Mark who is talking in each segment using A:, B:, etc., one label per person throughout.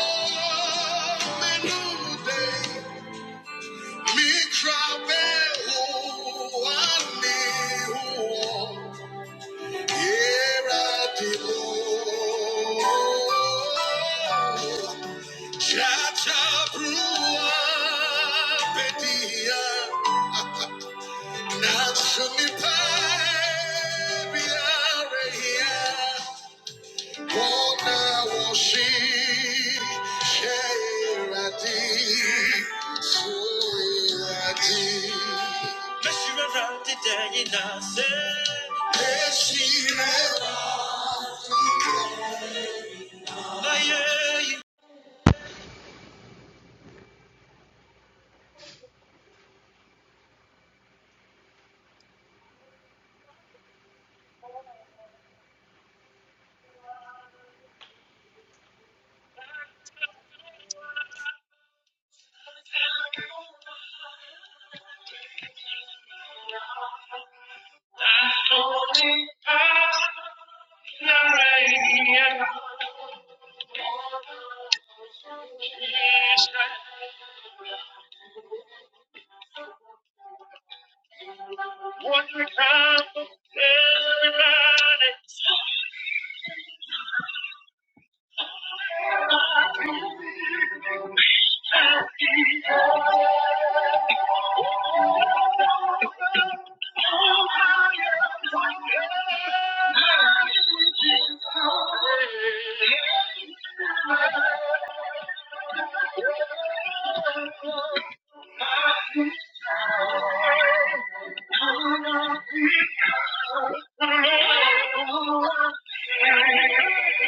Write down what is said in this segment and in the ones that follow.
A: National What now will she share a deed? So Yes, What we come to everybody.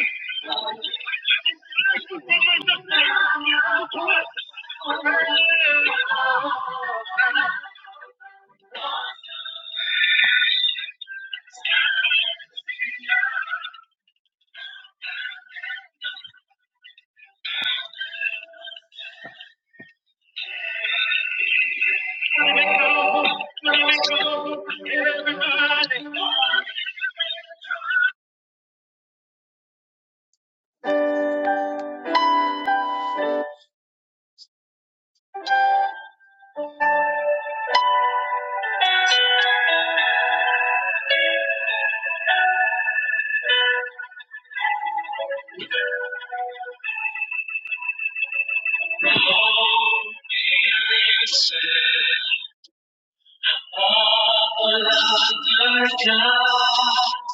A: Father God,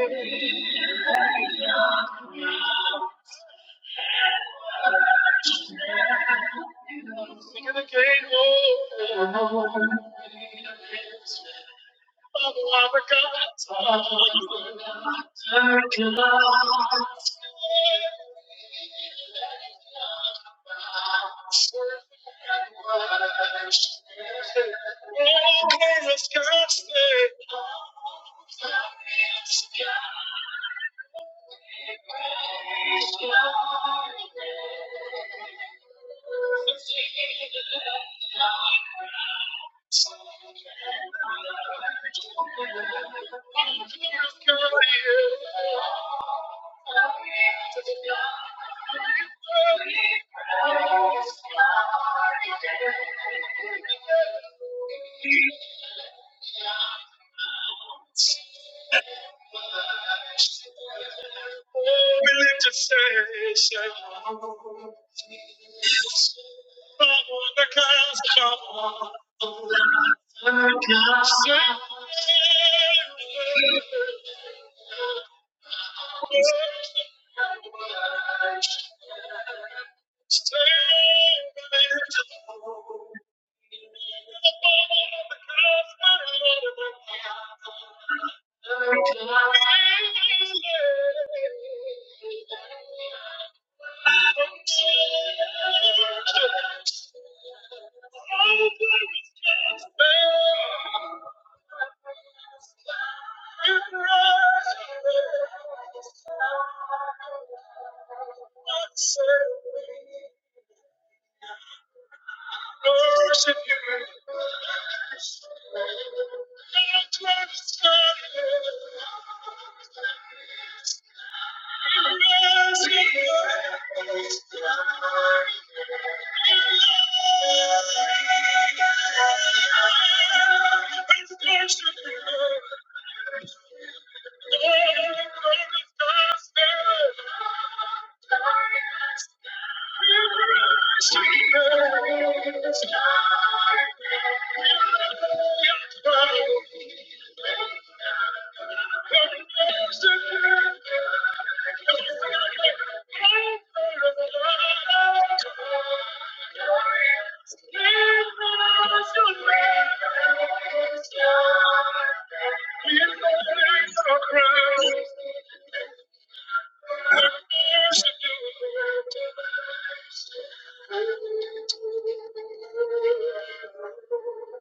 A: Thank you. You're the great Lord. Father, I forgot. Father, I forgot. Oh, Jesus, God's name. We live to say, say, oh. Thank you. Thank you. Thank you. Thank you.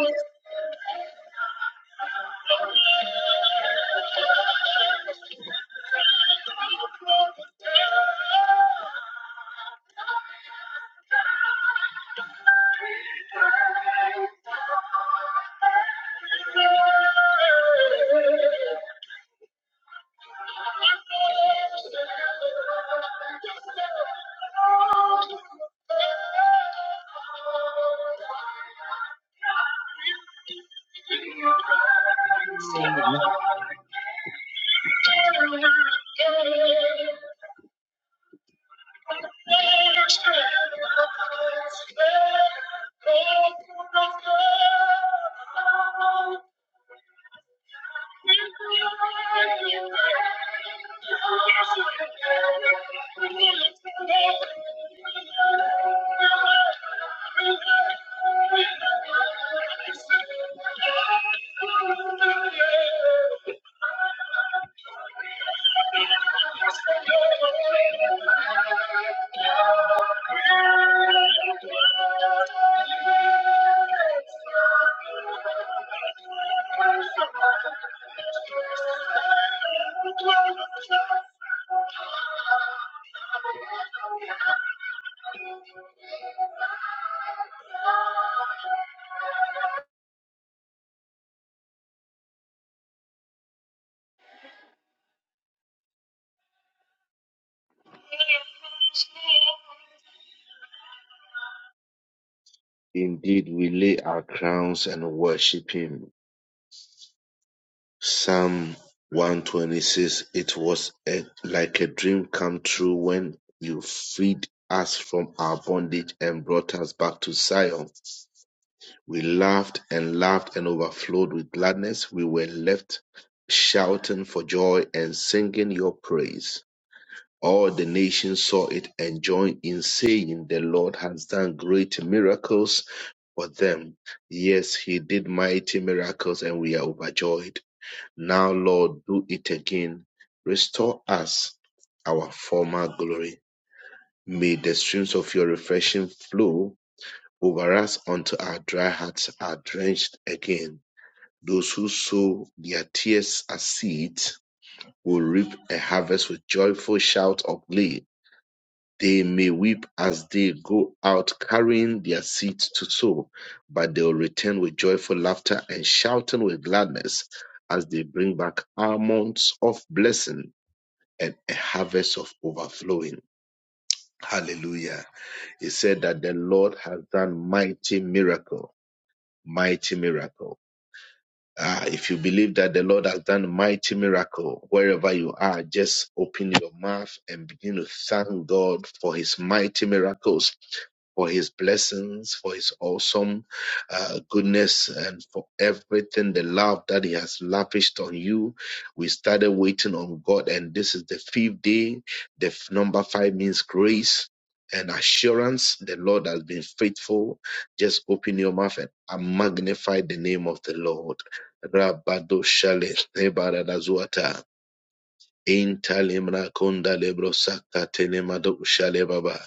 A: Thank you. Thank you. Thank you. Indeed, we lay our crowns and worship Him. Psalm 126 says it was a, like a dream come true when you freed us from our bondage and brought us back to Zion. We laughed and laughed and overflowed with gladness. We were left shouting for joy and singing your praise. All the nations saw it and joined in saying, The Lord has done great miracles for them. Yes, He did mighty miracles and we are overjoyed. Now, Lord, do it again. Restore us our former glory. May the streams of your refreshing flow over us until our dry hearts are drenched again. Those who sow their tears as seeds will reap a harvest with joyful shout of glee. They may weep as they go out carrying their seeds to sow, but they will return with joyful laughter and shouting with gladness as they bring back almonds of blessing and a harvest of overflowing. Hallelujah. He said that the Lord has done mighty miracle, mighty miracle. Ah, if you believe that the Lord has done mighty miracle wherever you are, just open your mouth and begin to thank God for his mighty miracles for his blessings, for his awesome uh, goodness, and for everything, the love that he has lavished on you. We started waiting on God, and this is the fifth day. The f- number five means grace and assurance. The Lord has been faithful. Just open your mouth and uh, magnify the name of the Lord. Rabadoshale Ebara Dazuata Intalimra Konda Lebro Saka Telemado Shale Baba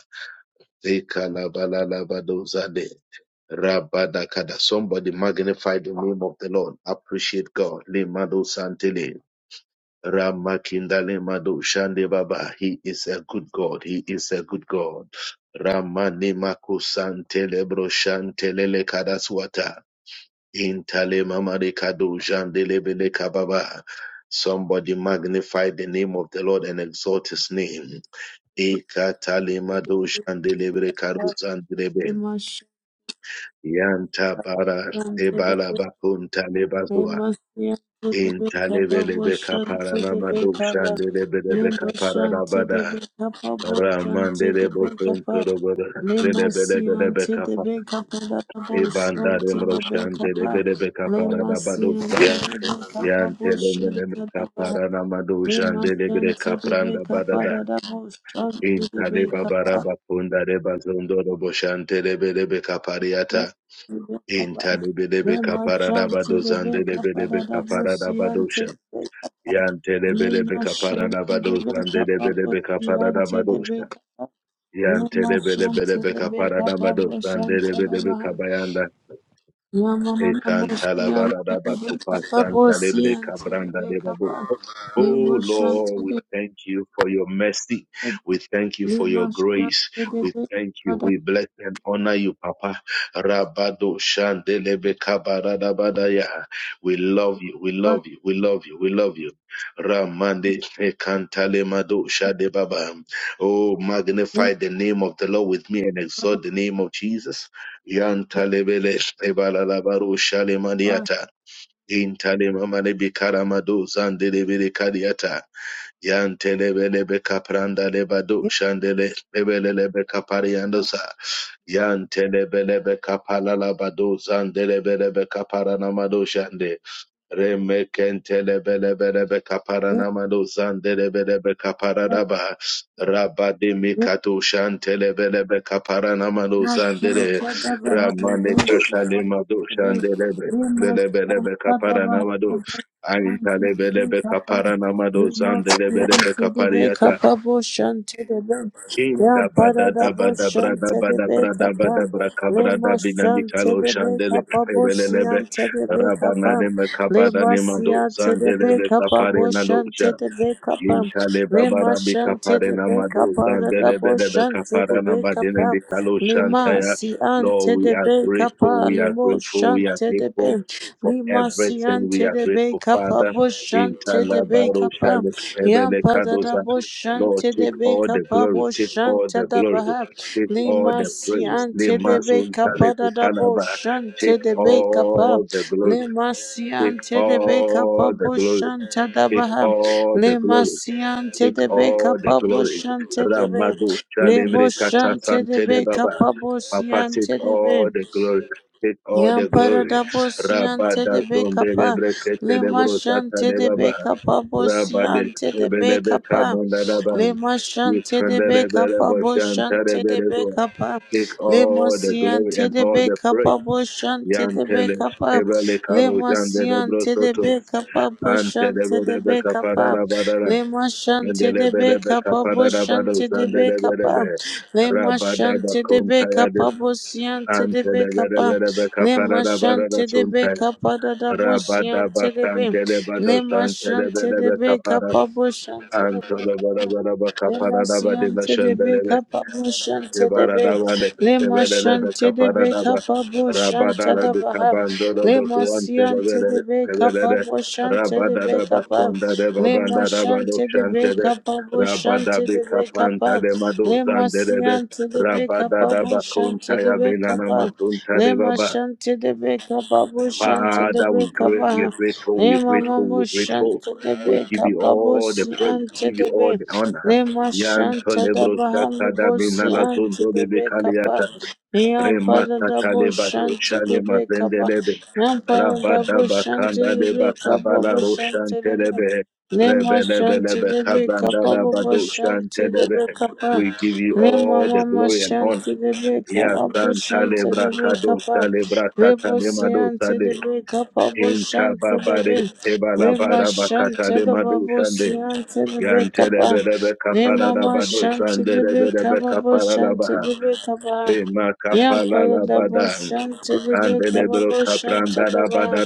A: Zekala Balala Badozade Rabada Kada. Somebody magnify the name of the Lord. Appreciate God. Lemado Santele. Ramakinda Lemado Shande Baba. He is a good God. He is a good God. Ramani Mako Santele Bro Shantelele Kadaswata. Intale mamade kado jandelebele kababa. Somebody magnify the name of the Lord and exalt his name. Ikatale mado jandelebele kado zandelebe.
B: Lema
A: Yanta bara
B: Shanti the
A: ebala bakunta lebazua.
B: Beka Pada Dabo
A: Intalebelebe kapara
B: Shanti
A: namado jandelebelebe kapara rabada. Ramandelebo somtorobora. Lebelebelebe
B: the
A: kapara.
B: Beka
A: Ibanda remro jandelebelebe kapara rabadonsa. Yantelemele kaparana madushan delebre kapranda badada. Intaleba
B: pa
A: baraba kunda reba zondoro boshante lebelebe
B: Yama
A: kapariata. Intalebelebe kaparada badozan delebelebe kaparada badosha. Yantelebelebe kaparada badozan delebelebe kaparada madosha. Yantelebelebelebe kaparada madozan delebelebe kabayanda. Oh Lord, we thank you for your mercy. We thank you for your grace. We thank you. We bless and honor you, Papa. Rabado shandelebe kabaradabadaya. We love you. We love you. We love you. We love you. Ramande ekantalemado shadebaba. Oh, magnify the name of the Lord with me and exalt the name of Jesus. Yantalebele Evalalabaru Shalemadiata. Intalemamale Bikaramadu Zandelebele Kadiata. Yantelebele Bekapranda Lebadu Shandele Lebele Bekapariandosa. Yantelebele Bekapalalabadu Zandelebele Bekaparanamadu Shande. Remekentelebelebelebe kaparanamado zandelebelebe kaparadaba. Rabademikato shantelebelebe kaparanamado
B: Lema Shanti
A: zandele. Ramane katalemado shandelebe. Lelebelebe kaparanamado. Aintalebelebe kaparanamado zandelebelebe kapariata.
B: the Beka
A: Inta bada
B: Parada
A: da bada brada bada brada bada braka brada
B: Boshanti
A: binamikalo shandele ebelelebe rabana ne mekabada ne mando zandelebe kapare nando Inkale babara bika pare na madu zandele bele beka
B: the
A: para na
B: Beka
A: badene
B: Pam
A: bikalo
B: Lima
A: shantaya.
B: si
A: Lord,
B: ante
A: we
B: de
A: are
B: be
A: grateful,
B: kapa
A: we are
B: limo
A: grateful, we are
B: shante de
A: grateful
B: be.
A: for
B: Lima si
A: everything. We
B: ante
A: are
B: de be
A: grateful,
B: kapa
A: Father.
B: bo shante de
A: Intala
B: be
A: baro
B: kapa.
A: shale ebele
B: Yampa da da
A: kadoza.
B: bo
A: Lord,
B: shante de
A: take
B: be
A: all the
B: kapa
A: glory,
B: bo
A: take all
B: shante
A: the
B: da
A: glory,
B: baha.
A: take all
B: Lima
A: the
B: si
A: praise. Le
B: ante de be
A: mazun tale
B: kapa da da
A: tutana
B: bo
A: ba.
B: shante
A: Take
B: de be kapa.
A: all the glory,
B: Lima si
A: take
B: ante de be
A: all
B: kapa
A: the
B: bo
A: glory,
B: shante da
A: take
B: baha.
A: all the
B: Lima
A: glory
B: si ante
A: take
B: de be
A: all the
B: kapa bo
A: glory.
B: shante de be.
A: Ramadu
B: Lebo
A: Shalimri Kata
B: shante de be
A: Santele Baba.
B: kapa bo
A: Papa,
B: siante
A: take
B: de be.
A: all the glory. Take all
B: Yam
A: the
B: para
A: glory.
B: da bo siante de
A: Rabada
B: be kapa.
A: Zombele Brekete
B: Lema
A: Lebro
B: shante
A: Satale
B: de be
A: Baba.
B: kapa
A: Rabade
B: siante de be
A: Ebelebe
B: kapa. Le
A: Kabandalabam. Take
B: mashante de be kapa bo shante de be kapa. Le
A: all the glory
B: masiante
A: and
B: de
A: all
B: be
A: the
B: kapa
A: praise.
B: bo shante de be
A: Yantele
B: kapa.
A: Ebele
B: Le
A: Karo Jandele
B: masiante de
A: Brosoto.
B: be kapa bo
A: Ante
B: shante
A: Debo
B: de
A: Debe
B: be kapa.
A: Kaparada
B: Le mashante de be
A: Andelebelebe
B: kapa bo
A: kaparadabado
B: shante de be
A: zandelebelebe.
B: kapa. Le mashante
A: Rabadaba
B: de be
A: kontayade.
B: kapa bo siante de be kapa.
A: Antelebelebelebe
B: Le
A: kaparadabarada
B: mashante de be
A: suntaya.
B: kapa da da bo
A: Rabadaba
B: siante de be. Le
A: kantelebado
B: mashante de
A: zantelebelebe
B: be
A: kapara.
B: kapa bo shante de be.
A: Antolebelebelebe
B: Lema
A: kaparadabadina
B: siyante de be
A: shendelebe.
B: kapa bo shante de be.
A: Yebaradabade,
B: Lema
A: Yebedebe
B: shante de be
A: Kaparadaba,
B: kapa bo shante da
A: Rabadara de
B: baha.
A: Cabandorobo
B: Lema
A: Tuante
B: siyante de
A: Rebede,
B: be kapa
A: Rebede,
B: bo shante de be
A: Rabadadaba
B: kapa.
A: Conda de
B: Lema
A: Babanda Rabado
B: shante de be
A: Shantede,
B: kapa bo shante
A: Rabadabi
B: de be kapa.
A: Capanta de Madu
B: Lema
A: Zandede,
B: siyante de be kapa bo
A: Rabadadaba
B: shante
A: Conta
B: de be
A: Yabenana
B: kapa.
A: Macunta de
B: Lema
A: Baba,
B: shante de be kapa bo shante de
A: Father,
B: be
A: we, gra-
B: kapa.
A: we are grateful, we are
B: Lema
A: grateful,
B: mamo
A: we are grateful.
B: shante de be
A: We give you
B: kapa bo
A: all the praise, we
B: siyante
A: give
B: de
A: you
B: be.
A: all the honor.
B: Lema
A: Yanto
B: shanta da
A: lebro
B: bahane
A: sakada
B: bosi
A: minala
B: anti
A: zondo
B: de
A: lebe
B: bekapa.
A: kaliyata.
B: Yampa da
A: Remata
B: da bo
A: kaleba dosha
B: shanti de
A: lema
B: bekapa.
A: zendelebe.
B: Yampa da da
A: Rabada
B: bo shanti
A: bakanda leba
B: de bekapa bo
A: kabala
B: shanti
A: roshan
B: de be.
A: telebe.
B: Lema
A: Rebelebe
B: shanti
A: lebe
B: de
A: kabranda
B: bekapa bo
A: laba
B: bo
A: doshan
B: shanti de
A: telebe.
B: bekapa.
A: We give you
B: Lema
A: all the
B: mama
A: glory and honor.
B: shanti de
A: Ya
B: bekapa bo
A: Santa
B: shanti de
A: Lebra Kado
B: bekapa.
A: Sale Brata
B: Lebo si anti de
A: Tale
B: bekapa bo shanti de be.
A: Inkababare
B: Lema
A: ebalabara
B: shanta
A: bakatale
B: da babo si
A: madushande.
B: anti de bekapa.
A: Yantelebelebe kapara
B: Nemama
A: labado
B: shanti libe
A: sandelebelebe
B: kaba bo
A: kapara
B: shanti
A: labaha.
B: libe kaba.
A: Ema
B: Yam
A: kapala
B: pada da bo
A: labada.
B: shanti libe kaba
A: Andelebro
B: bo shanti
A: kapranda
B: liba.
A: labada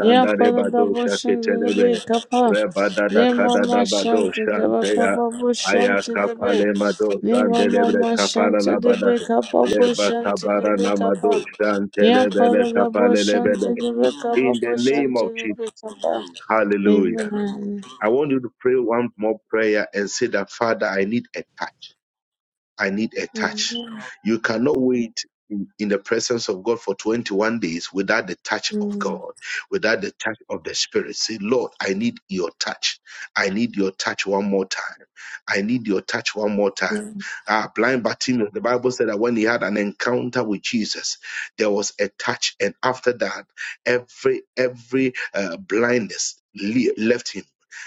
B: Yam pada da bo
A: lebadosha
B: shanti libe
A: ketelebe.
B: kaba.
A: Rebada dakada
B: Nemama
A: labado
B: shanti libe
A: shanteya.
B: kaba bo
A: Aya
B: shanti libe.
A: kapale mado sandelebre
B: mama
A: kapara
B: shanti
A: labada.
B: libe kaba bo
A: Leba
B: shanti
A: kabara
B: libe kaba.
A: namado
B: Yam
A: shantelebele
B: pada da bo
A: kapale
B: shanti
A: lebele.
B: libe kaba
A: In the
B: bo
A: name
B: shanti
A: of
B: libe
A: Jesus.
B: kaba.
A: Hallelujah.
B: Amen.
A: I want you to pray one more prayer and say that, Father, I need a touch. I need a touch.
B: Amen.
A: You cannot wait in, in the presence of God for 21 days without the touch of
B: Amen.
A: God, without the touch of the Spirit. Say, Lord, I need your touch. I need your touch one more time. I need your touch one more time. Ah, blind Bartimaeus, the Bible said that when he had an encounter with Jesus, there was a touch, and after that, every every uh, blindness le- left him.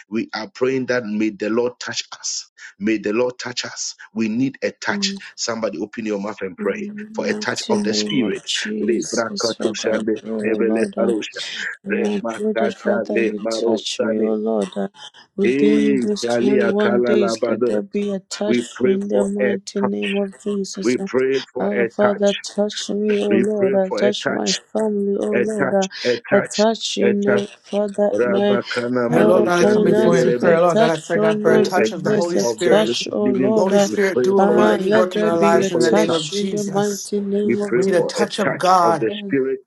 A: We are praying that may the Lord touch us May the Lord touch us. We need a
B: Amen.
A: touch. Somebody open your mouth and
B: In
A: pray
B: the
A: for a touch
B: mighty
A: of the
B: name
A: Spirit.
B: of
A: Le
B: Jesus,
A: brakato
B: Father,
A: shande
B: O
A: pebele
B: Lord, I
A: arosha. Re
B: I pray that
A: makata
B: Father,
A: le
B: you
A: maro
B: touch me, O
A: sane.
B: Lord, that within
A: Eh,
B: those
A: shali
B: 21
A: akala
B: days, let
A: labada.
B: there be a touch
A: We pray
B: in the
A: for a
B: mighty
A: touch.
B: name of Jesus.
A: We
B: Uh,
A: pray for
B: uh,
A: a touch.
B: Father, touch me, O
A: We pray
B: Lord, uh,
A: for a
B: touch my
A: touch.
B: family,
A: A
B: O Lord,
A: touch.
B: uh,
A: A
B: uh,
A: touch.
B: touch
A: A
B: in,
A: touch.
B: uh, Father, my
A: Rabakana
C: Dear Lord
B: uh,
A: mando
C: God, I come
A: shande
C: before you in
B: finances, a
C: prayer.
A: lebelebe.
C: Lord God, I
B: touch
C: pray God
B: on
C: for a
B: my
A: Oh, a
C: touch of the
A: touch
B: business,
C: Holy
B: a
A: of the
C: Spirit.
B: touch, O
A: living God.
B: Lord.
C: Holy
B: Uh,
A: We
C: Spirit,
A: pray
C: do a
A: for
B: uh,
A: your
C: mighty
A: touch.
B: let
C: work in
B: there
C: our
A: We
B: be
A: pray
B: a
C: lives in
A: for
C: the
A: your
C: name
A: touch.
C: of
B: touch in the
C: Jesus.
B: mighty
A: We
B: name
A: pray
B: of
C: We need a
A: for a
B: Jesus.
C: touch of
A: touch of the
C: God.
B: Uh,
A: Spirit.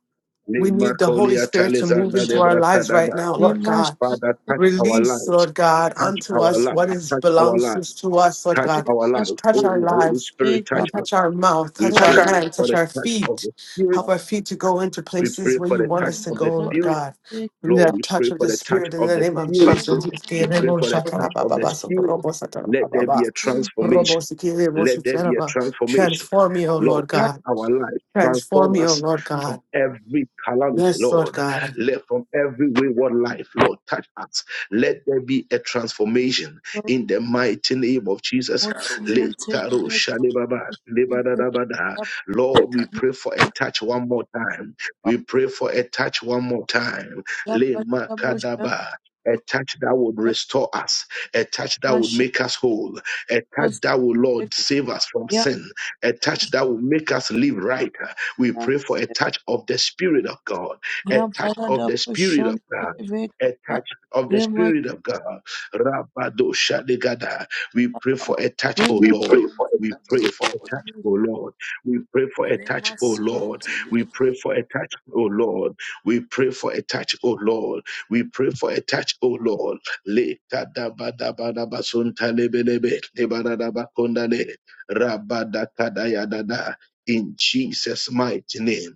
C: We need the Holy
A: Nemakolia
C: Spirit to move
A: talizanda
B: touch,
C: into
B: uh,
C: our lives right
A: lebrakadaba.
C: now, Lord
B: name us.
C: God.
A: Father, touch our
C: Release,
A: lives.
C: Lord God,
A: Touch
C: unto
A: our
C: us
A: lives.
C: what is
A: Touch our
C: belongs to
A: lives.
C: to us, Lord
A: Touch
B: Okay.
C: God.
A: our lives.
C: Touch
B: Yabba
C: our
A: Oh, Holy
C: lives,
A: Spirit, touch us.
C: touch our mouth,
A: We
C: touch our
A: pray
C: hands,
A: for
C: touch
A: the
C: our
A: touch of
C: feet.
A: the Spirit.
C: Help our feet to go into
A: We
C: places
A: pray
C: where
A: for
C: you
A: the
C: want
A: touch
C: us to
A: of the
C: go, Lord
A: Spirit.
C: God. We need
A: Lord,
C: a
A: we
C: touch
A: pray
C: of
A: for
C: the
A: the touch
C: Spirit in
A: of
C: the
A: the
C: name of
A: Spirit.
C: Jesus.
A: We pray
C: Ikerebo
A: for the touch of the
C: shakarababa,
A: Spirit.
C: sokorobo
A: Let there be
C: satarababa,
A: a
C: robo
A: transformation.
C: sikerebo
A: Let there be a
C: shiteraba.
A: transformation.
C: Transform me, O
A: Lord,
C: Lord
A: touch
C: God.
A: our lives,
C: Transform
A: transform
C: me, O
A: us
C: Lord
A: from
C: God.
A: every calamity,
C: Yes, Lord
A: Lord.
C: God.
A: Let from every wayward life, Lord, touch us. Let there be a transformation in the mighty name of Jesus. Letaro shalebaba, lebadadabada. Lord, we pray for a touch one more time. We pray for a touch one more time. Lemakadaba, A touch that would restore us a touch that would make us whole, a touch that will, Lord, save us from sin, a touch that will make us live right. We pray for a touch of the Spirit of God, a touch of the Spirit of God. A touch of the Spirit of God. Rabado Shadigada. We pray for a touch, O
B: We
A: Lord.
B: pray for
A: We
B: a
A: pray for a touch, O Lord. We pray for a touch,
B: Lema
A: O Lord.
B: siente
A: We pray for a touch, O Lord. We pray for a touch, O Lord. We pray for a touch, O Lord le kadabadabadabasuntalebelebe lebaradabakondale rabadakadayadada in Jesus' mighty name.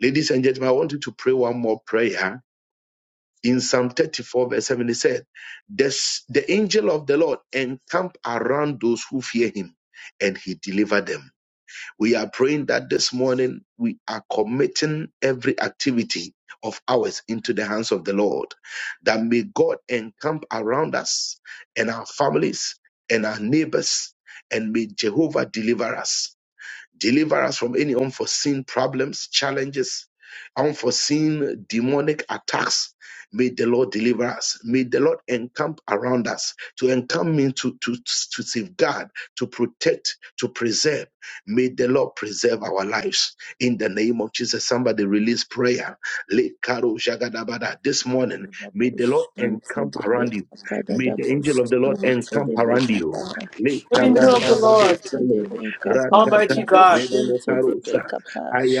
A: Ladies and gentlemen, I want you to pray one more prayer. In Psalm 34, verse 7, it said, the, the angel of the Lord encamp around those who fear him and he delivered them. We are praying that this morning we are committing every activity of ours into the hands of the Lord. That may God encamp around us and our families and our neighbors, and may Jehovah deliver us. Deliver us from any unforeseen problems, challenges, unforeseen demonic attacks. May the Lord deliver us. May the Lord encamp around us. To encamp means to, to, to safeguard, to protect, to preserve. May the Lord preserve our lives. In the name of Jesus, somebody release prayer. Le karo jagadabada. This morning, may the
B: Lima
A: Lord
B: shante
A: encamp
B: de
A: around you. May the angel of the Lord encamp around you. Le
C: Angel of the
A: kabadabado
C: Lord, Almighty God.
A: Lebele Parusa,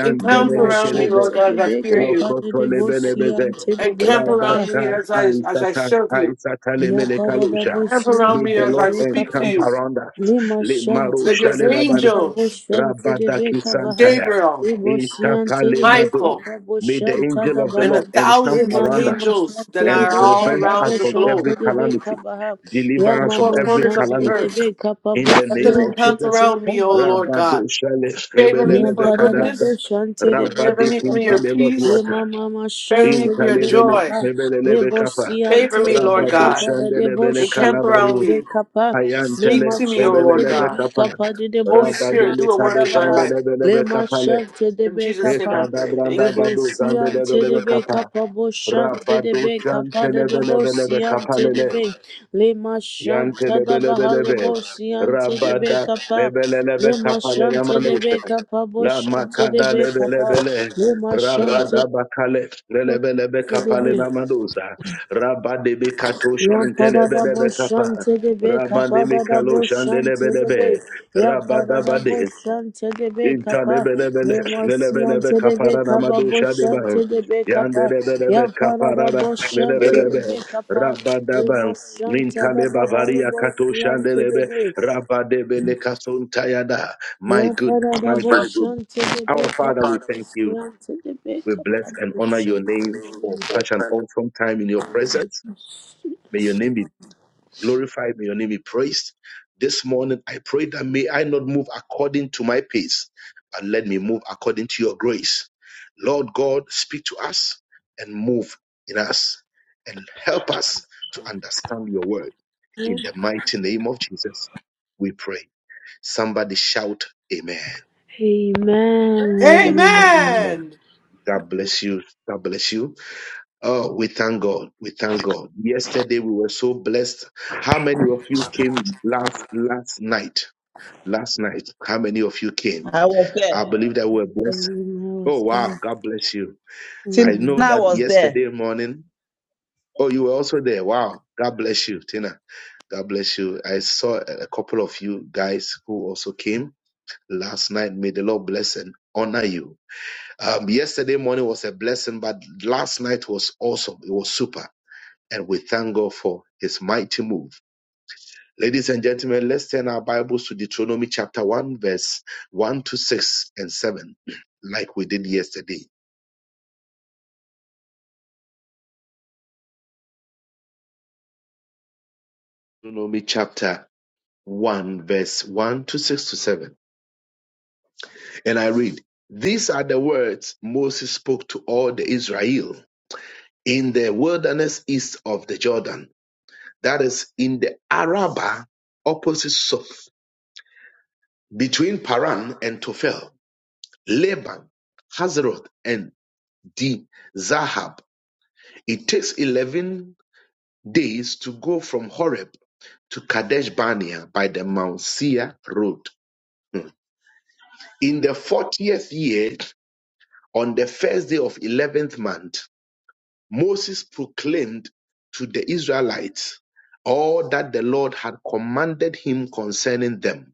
C: Encamp around me,
A: Peleze,
C: Lord God, as I fear
B: beka pa
C: you.
B: de
A: Rokoto
B: de
A: Lebele
B: bosia
A: Beze,
B: ante de
C: Encamp
B: beka pa
C: around me
A: Rabaka
C: as I as I
A: Aisata
C: serve you.
A: Aisata
B: Ya
A: Lemele
B: para da
A: Kalusha.
C: Encamp
B: boşyan
C: around
A: May
C: me
A: the
B: tede
C: as
A: Lord
C: I
B: be
C: speak to
A: encamp
B: kapa.
C: you.
A: around us.
B: Le
A: Le
B: maşan
C: That your
A: Marusha
B: tede be
A: Le
B: kapa
A: Babanito,
C: angels,
B: boşyan tede be
A: Rabadaki
B: kabaha.
A: Santaya,
C: Gabriel,
B: Le boşyan
A: Itapa Le
B: tede be
A: Mado.
C: Michael,
B: kapa
A: May the
B: boşyan tada
A: angel of the
C: and
B: baha.
C: the
A: Lord encamp
B: Le
C: thousands of
A: around
B: mama
A: us
B: maşan
C: angels that
B: tede
A: and
C: are
B: be
C: all
A: prevent
B: kapa
A: us
C: around the
A: from
B: boşyan
C: globe,
A: every
B: tede be
A: calamity.
B: kabaha. Ya
C: in
A: Deliver
C: the
A: us
B: mama
A: from
C: four
A: every
C: corners
B: maşan
C: of the
B: tede
A: calamity.
C: earth,
B: be kapa
A: In the
C: let
A: name
C: them
A: of
B: boşyan
C: encamp
B: tede
A: Jesus.
B: be
C: around me, O
B: kabaha.
C: Lord God.
A: Rabadoshale
C: Favor me
B: Yeah,
A: Rebelelebe
C: for
B: para da
A: Kadasa.
B: de
C: goodness.
B: shante de de
C: Favor me for
A: Rabadikin
C: your
B: kapapa. Le
C: peace.
A: Telebazuata.
B: mama ma
C: Favor
B: shante
C: me
A: In
C: for
B: de
C: your
B: de
A: Talebele
C: joy.
B: kapa. Le bosi ante
C: Favor me,
B: de be
C: Lord God.
B: kapa da de bo
A: Rabadoshandelebele
C: Encamp
B: shante de
C: around
A: Kalabaru.
B: be
C: me.
B: kapa. Le
C: Speak
A: Ayantele
B: ma
C: to me, O Lord
B: shante de
A: Rebelelebe
C: God.
B: be
A: Kappa.
B: kapa de de
C: Holy
B: bosi
C: Spirit,
A: Rabadele
C: do a
B: ante da
C: work in my
B: baha.
C: life.
B: Le
A: Kadoshandelebelebe
B: ma
A: Kappale.
B: shante de
C: In
B: be
C: Jesus' name I
B: kapa.
C: pray.
A: Rekadabranda
C: Thank you.
A: Badu
B: Rebosian
A: Zandelebelebe
B: Tedebe
A: Kappa.
B: Kapabo Shan Tedebe Kapada
A: Rabadoshantelebelebelebe
B: Debosian
A: Kappalele.
B: Tedebe Lema Shan Tadabaha
A: Yantelebelebelebe.
B: Lebosian Tedebe
A: Rabada
B: Kapa
A: lebelelebe
B: Lema
A: kapale
B: Shan Tedebe
A: namanosha.
B: Kapabo
A: La
B: Shan
A: makanda
B: Tedebe Kapa
A: lebelebele.
B: Lema Shan
A: Rabada bakale lebelebe kapale
B: Tedebe
A: namadosa. Rabade bekatosha
B: Ya para da
A: antelebelebe
B: boşan
A: kapa.
B: tedebe
A: Ramane
B: kapa da da
A: mikalo
B: boşan tedebe
A: antelebelebe,
B: ya
A: Rabada
B: para da
A: bade.
B: boşan tedebe kapa
A: Intalebelebele,
B: ve masyan
A: lelebelebe
B: tedebe
A: kapara
B: kapa
A: namado
B: boşan
A: shadeba.
B: tedebe kapa ya
A: Yandelebelebe
B: para da
A: kaparara,
B: boşan
A: lelebelebe,
B: tedebe kapa ve
A: rabadaba.
B: masyan tedebe
A: Nintaleba varia
B: halı
A: kato
B: boşan
A: shandelebe,
B: tedebe
A: rabadebele kasontayada. My
B: ya
A: good,
B: para da
A: my good.
B: boşan tedebe
A: Our Father, we
B: kapa
A: thank you.
B: boşan tedebe
A: We bless
B: kapa
A: and honor
B: boşan
A: your name for such an
B: tedebe
A: awesome time in your presence. May your name be glorified, may your name be praised. This morning, I pray that may I not move according to my pace, but let me move according to your grace. Lord God, speak to us and move in us and help us to understand your word. In the mighty name of Jesus, we pray. Somebody shout, Amen.
B: Amen
D: Amen.
A: Somebody shout, Amen.
B: woman
C: Amen.
A: God bless you. God bless you. Oh, we thank God. We thank God. Yesterday we were so blessed. How many of you came last last night? Last night, how many of you came?
D: I was there.
A: I believe that we were blessed.
B: Amen. I
A: Oh wow, God bless you. I
B: Amen.
A: know
D: Tina
A: that
D: was there.
A: yesterday morning. Oh, you were also there. Wow, God bless you, Tina. God bless you. I saw a couple of you guys who also came last night. May the Lord bless and honor you. Um, yesterday morning was a blessing, but last night was awesome. It was super. and we thank God for his mighty move. Ladies and gentlemen, let's turn our Bibles to Deuteronomy chapter 1, verse 1 to 6 and 7, like we did yesterday. Deuteronomy chapter 1, verse 1 to 6 to 7. And I read, These are the words Moses spoke to all the Israel in the wilderness east of the Jordan, that is, in the Arabah opposite Soph, between Paran and Tophel, Laban, Hazeroth, and D. Zahab. It takes 11 days to go from Horeb to Kadesh Barnea by the Mount Seir road. Hmm. In the 40th year, on the first day of 11th month, Moses proclaimed to the Israelites all that the Lord had commanded him concerning them.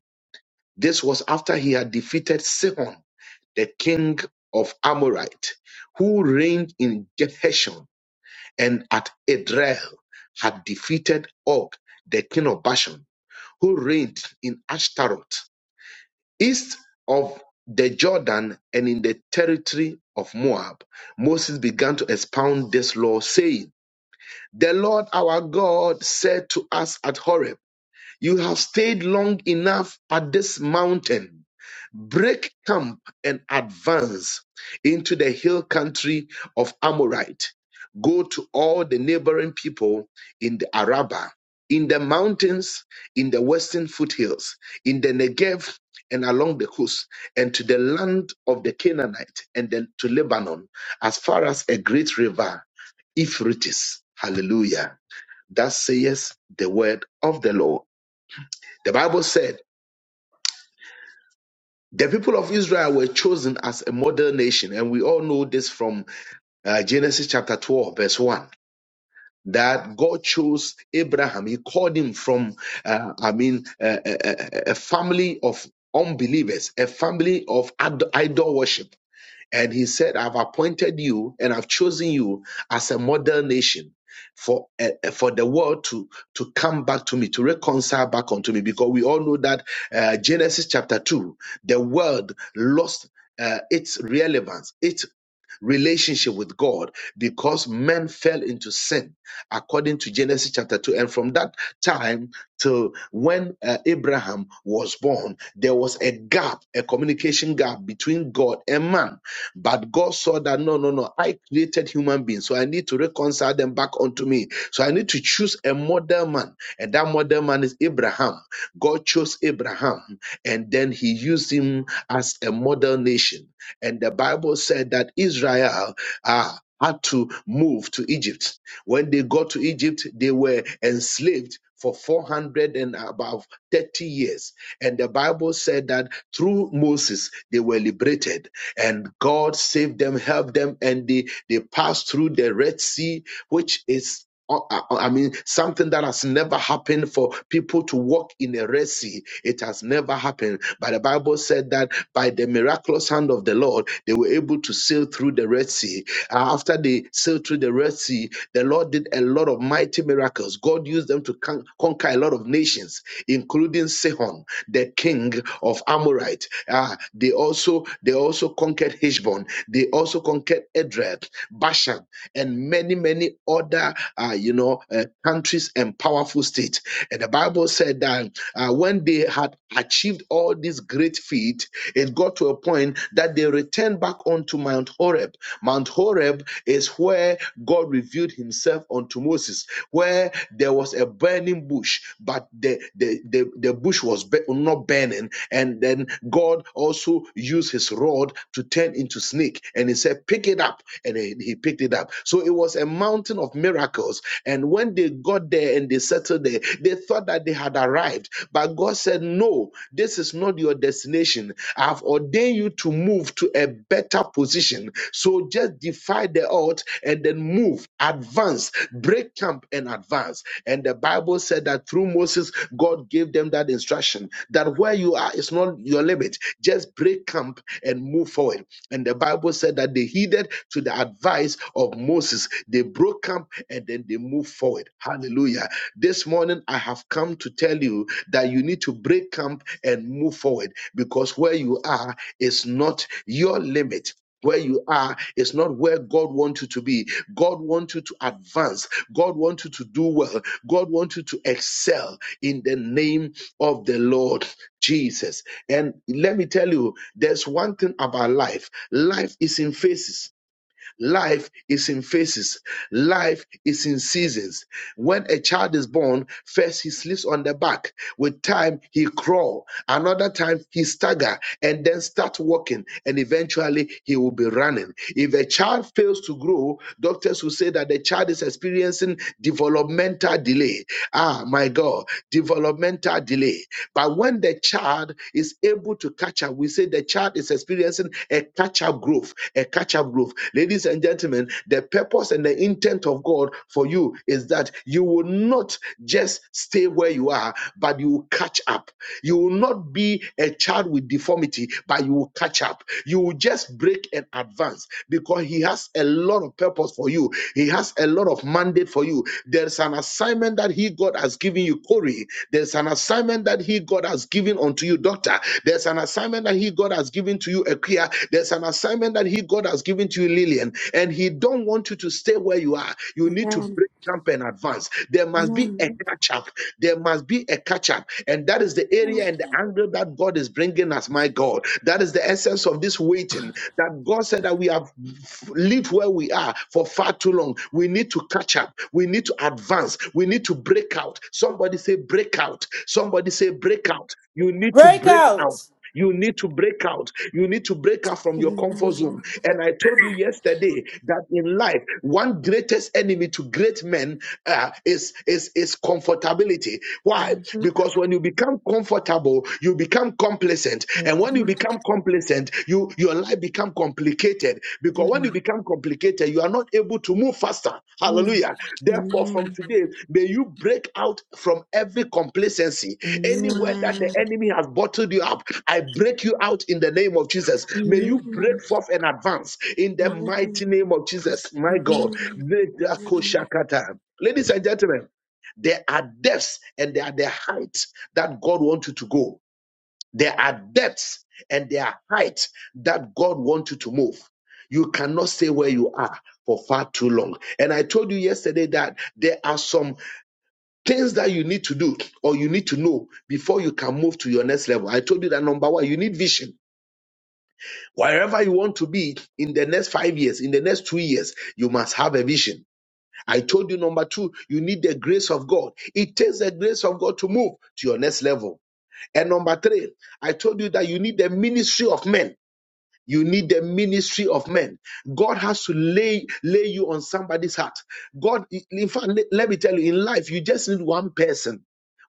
A: This was after he had defeated Sihon, the king of Amorite, who reigned in Geshur and at Edrei had defeated Og, the king of Bashan, who reigned in Ashtaroth, east of the Jordan and in the territory of Moab. Moses began to expound this law, saying, The Lord our God said to us at Horeb, you have stayed long enough at this mountain. Break camp and advance into the hill country of Amorite. Go to all the neighboring people in the Arabah, in the mountains, in the western foothills, in the Negev, and along the coast, and to the land of the Canaanite, and then to Lebanon, as far as a great river, Euphrates. Hallelujah. That says the word of the Lord. The Bible said the people of Israel were chosen as a model nation, and we all know this from uh, Genesis chapter 12, verse 1. That God chose Abraham, He called him from, uh, I mean, uh, a, a a- family of unbelievers, a family of ad- idol worship And he said, I've appointed you and I've chosen you as a model nation for eh, eh, for the world to to come back to me to reconcile back unto me because we all know that uh, Genesis chapter 2 the world lost uh, its relevance its relationship with God because men fell into sin, according to Genesis chapter 2. And from that time till when uh, Abraham was born, there was a gap, a communication gap between God and man. But God saw that no, no, no, I created human beings, so I need to reconcile them back unto me. So I need to choose a model man, and that model man is Abraham. God chose Abraham, and then he used him as a model nation. And the Bible said that Israel uh, had to move to Egypt. When they got to Egypt, they were enslaved for 400 and about 30 years. And the Bible said that through Moses, they were liberated and God saved them, helped them, and they they passed through the Red Sea, which is uh, I I mean, something that has never happened for people to walk in a Red Sea. It has never happened. But the Bible said that by the miraculous hand of the Lord, they were able to sail through the Red Sea. Uh, After they sailed through the Red Sea, the Lord did a lot of mighty miracles. God used them to con- conquer a lot of nations, including Sihon, the king king of Amorite. Ah, they also they also conquered Heshbon. They also conquered Edrei, Bashan, and many many other uh, you know uh, countries and powerful states. And the Bible said that uh, when they had achieved all these great feat, it got to a point that they returned back onto Mount Horeb. Mount Horeb is where God revealed Himself unto Moses, where there was a burning burning bush, but the the the, the bush was bu- not burning, and then God also used his rod to turn into snake, and he said, "Pick it up," and he, he picked it up. So it was a mountain of miracles. And when they got there and they settled there, they thought that they had arrived, but God said, "No, this is not your destination. I've ordained you to move to a better position. So just defy the odds and then move." move, advance, break camp and advance. And the Bible said that through Moses, God gave them that instruction that where you are is not your limit. Just break camp and move forward. And the Bible said that they heeded to the advice of Moses. They broke camp and then they moved forward. Hallelujah. This morning, I have come to tell you that you need to break camp and move forward because where you are is not your limit where you are is not where God wants you to be. God wants you to advance. God wants you to do well. God wants you to excel in the name of the Lord Jesus. And let me tell you, there's one thing about life. Life is in phases. Life is in phases. Life is in seasons. When a child is born, first he sleeps on the back. With time, he crawl. Another time, he stagger and then start walking. And eventually, he will be running. If a child fails to grow, doctors will say that the child is experiencing developmental delay. Ah, my God, developmental delay. But when the child is able able to catch up. We say the child is experiencing a catch up growth, a catch up growth. Ladies and gentlemen, the purpose and the intent of God for you is that you will not just stay where you are, but you will catch up. You will not be a child with deformity, but you will catch up. You will just break and advance because He has a lot of purpose for you. He has a lot of mandate for you. There's an assignment that assignment that He, God, has given you, Corey. There's an assignment that He, God, has given unto you, Doctor. There's an assignment that He, God, has given to you, Ekia. There's an assignment that He, God, has given to you, Lillian. And He don't want you to stay where you are. You need to
B: Amen.
A: break jump, and advance. There must be a
B: Amen.
A: catch up. There must be a catch up. And that is the area and the angle that God is bringing us, my God. That is the essence of this waiting. That God said that we have lived where we are for far too long. We need to catch up. We need to advance. We need to break out. Somebody say, break out. Somebody say, break out. You need to break
C: Breakout.
A: out. You need to break out. You need to break out from your comfort
B: Amen.
A: zone. And I told you yesterday that in life, one greatest enemy to great men uh, is is is comfortability. Why?
B: Mhm. Mhm.
A: Because when you become comfortable, you become complacent and when you become complacent you your life become complicated because when you become complicated you are not able to move faster
B: Mhm.
A: hallelujah therefore from
B: Amen.
A: today may you break out from every complacency
B: Amen. Amen. Amen. Amen.
A: anywhere that the enemy has bottled you up i break you out in the name of jesus may you break forth and advance in
B: Amen.
A: the mighty name of jesus my god ladies and gentlemen there are depths and there are the heights that god wants you to go there are depths and there are heights that God wants you to move. You cannot stay where you are for far too long. And I told you yesterday that there are some things that you need to do or you need to know before you can move to your next level. I told you that number one, you need vision. Wherever you want to be in the next five years, in the next two years, you must have a vision. I told you number two, you need the grace of God. It takes the grace of God to move to your next level. And number three, I told you that you need the ministry of men. You need the ministry of men. God has to lay lay you on somebody's heart. God, in fact, let let me tell you, in life, you just need one person.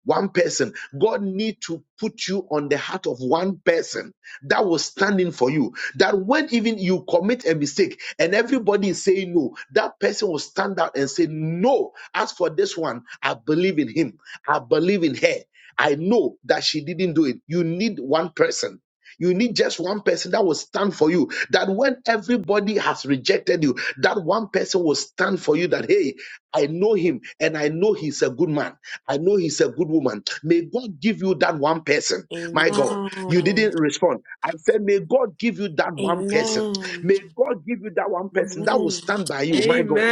A: One person. God need to put you on the heart of one person that will stand in for you. That when even you commit a mistake and everybody is saying no, that person will stand out and say, No, as for this one, I believe in him. I believe in her. I know that she didn't do it. You need one person you need just one person that will stand for you. That when everybody has rejected you, that one person will stand for you. That, hey, I know him and I know he's a good man. I know he's a good woman. May God give you that one person. My God, you
B: Amen.
A: didn't respond. I said, may God give you that one person.
B: Amen.
A: May God give you that one person that will stand by you. My God.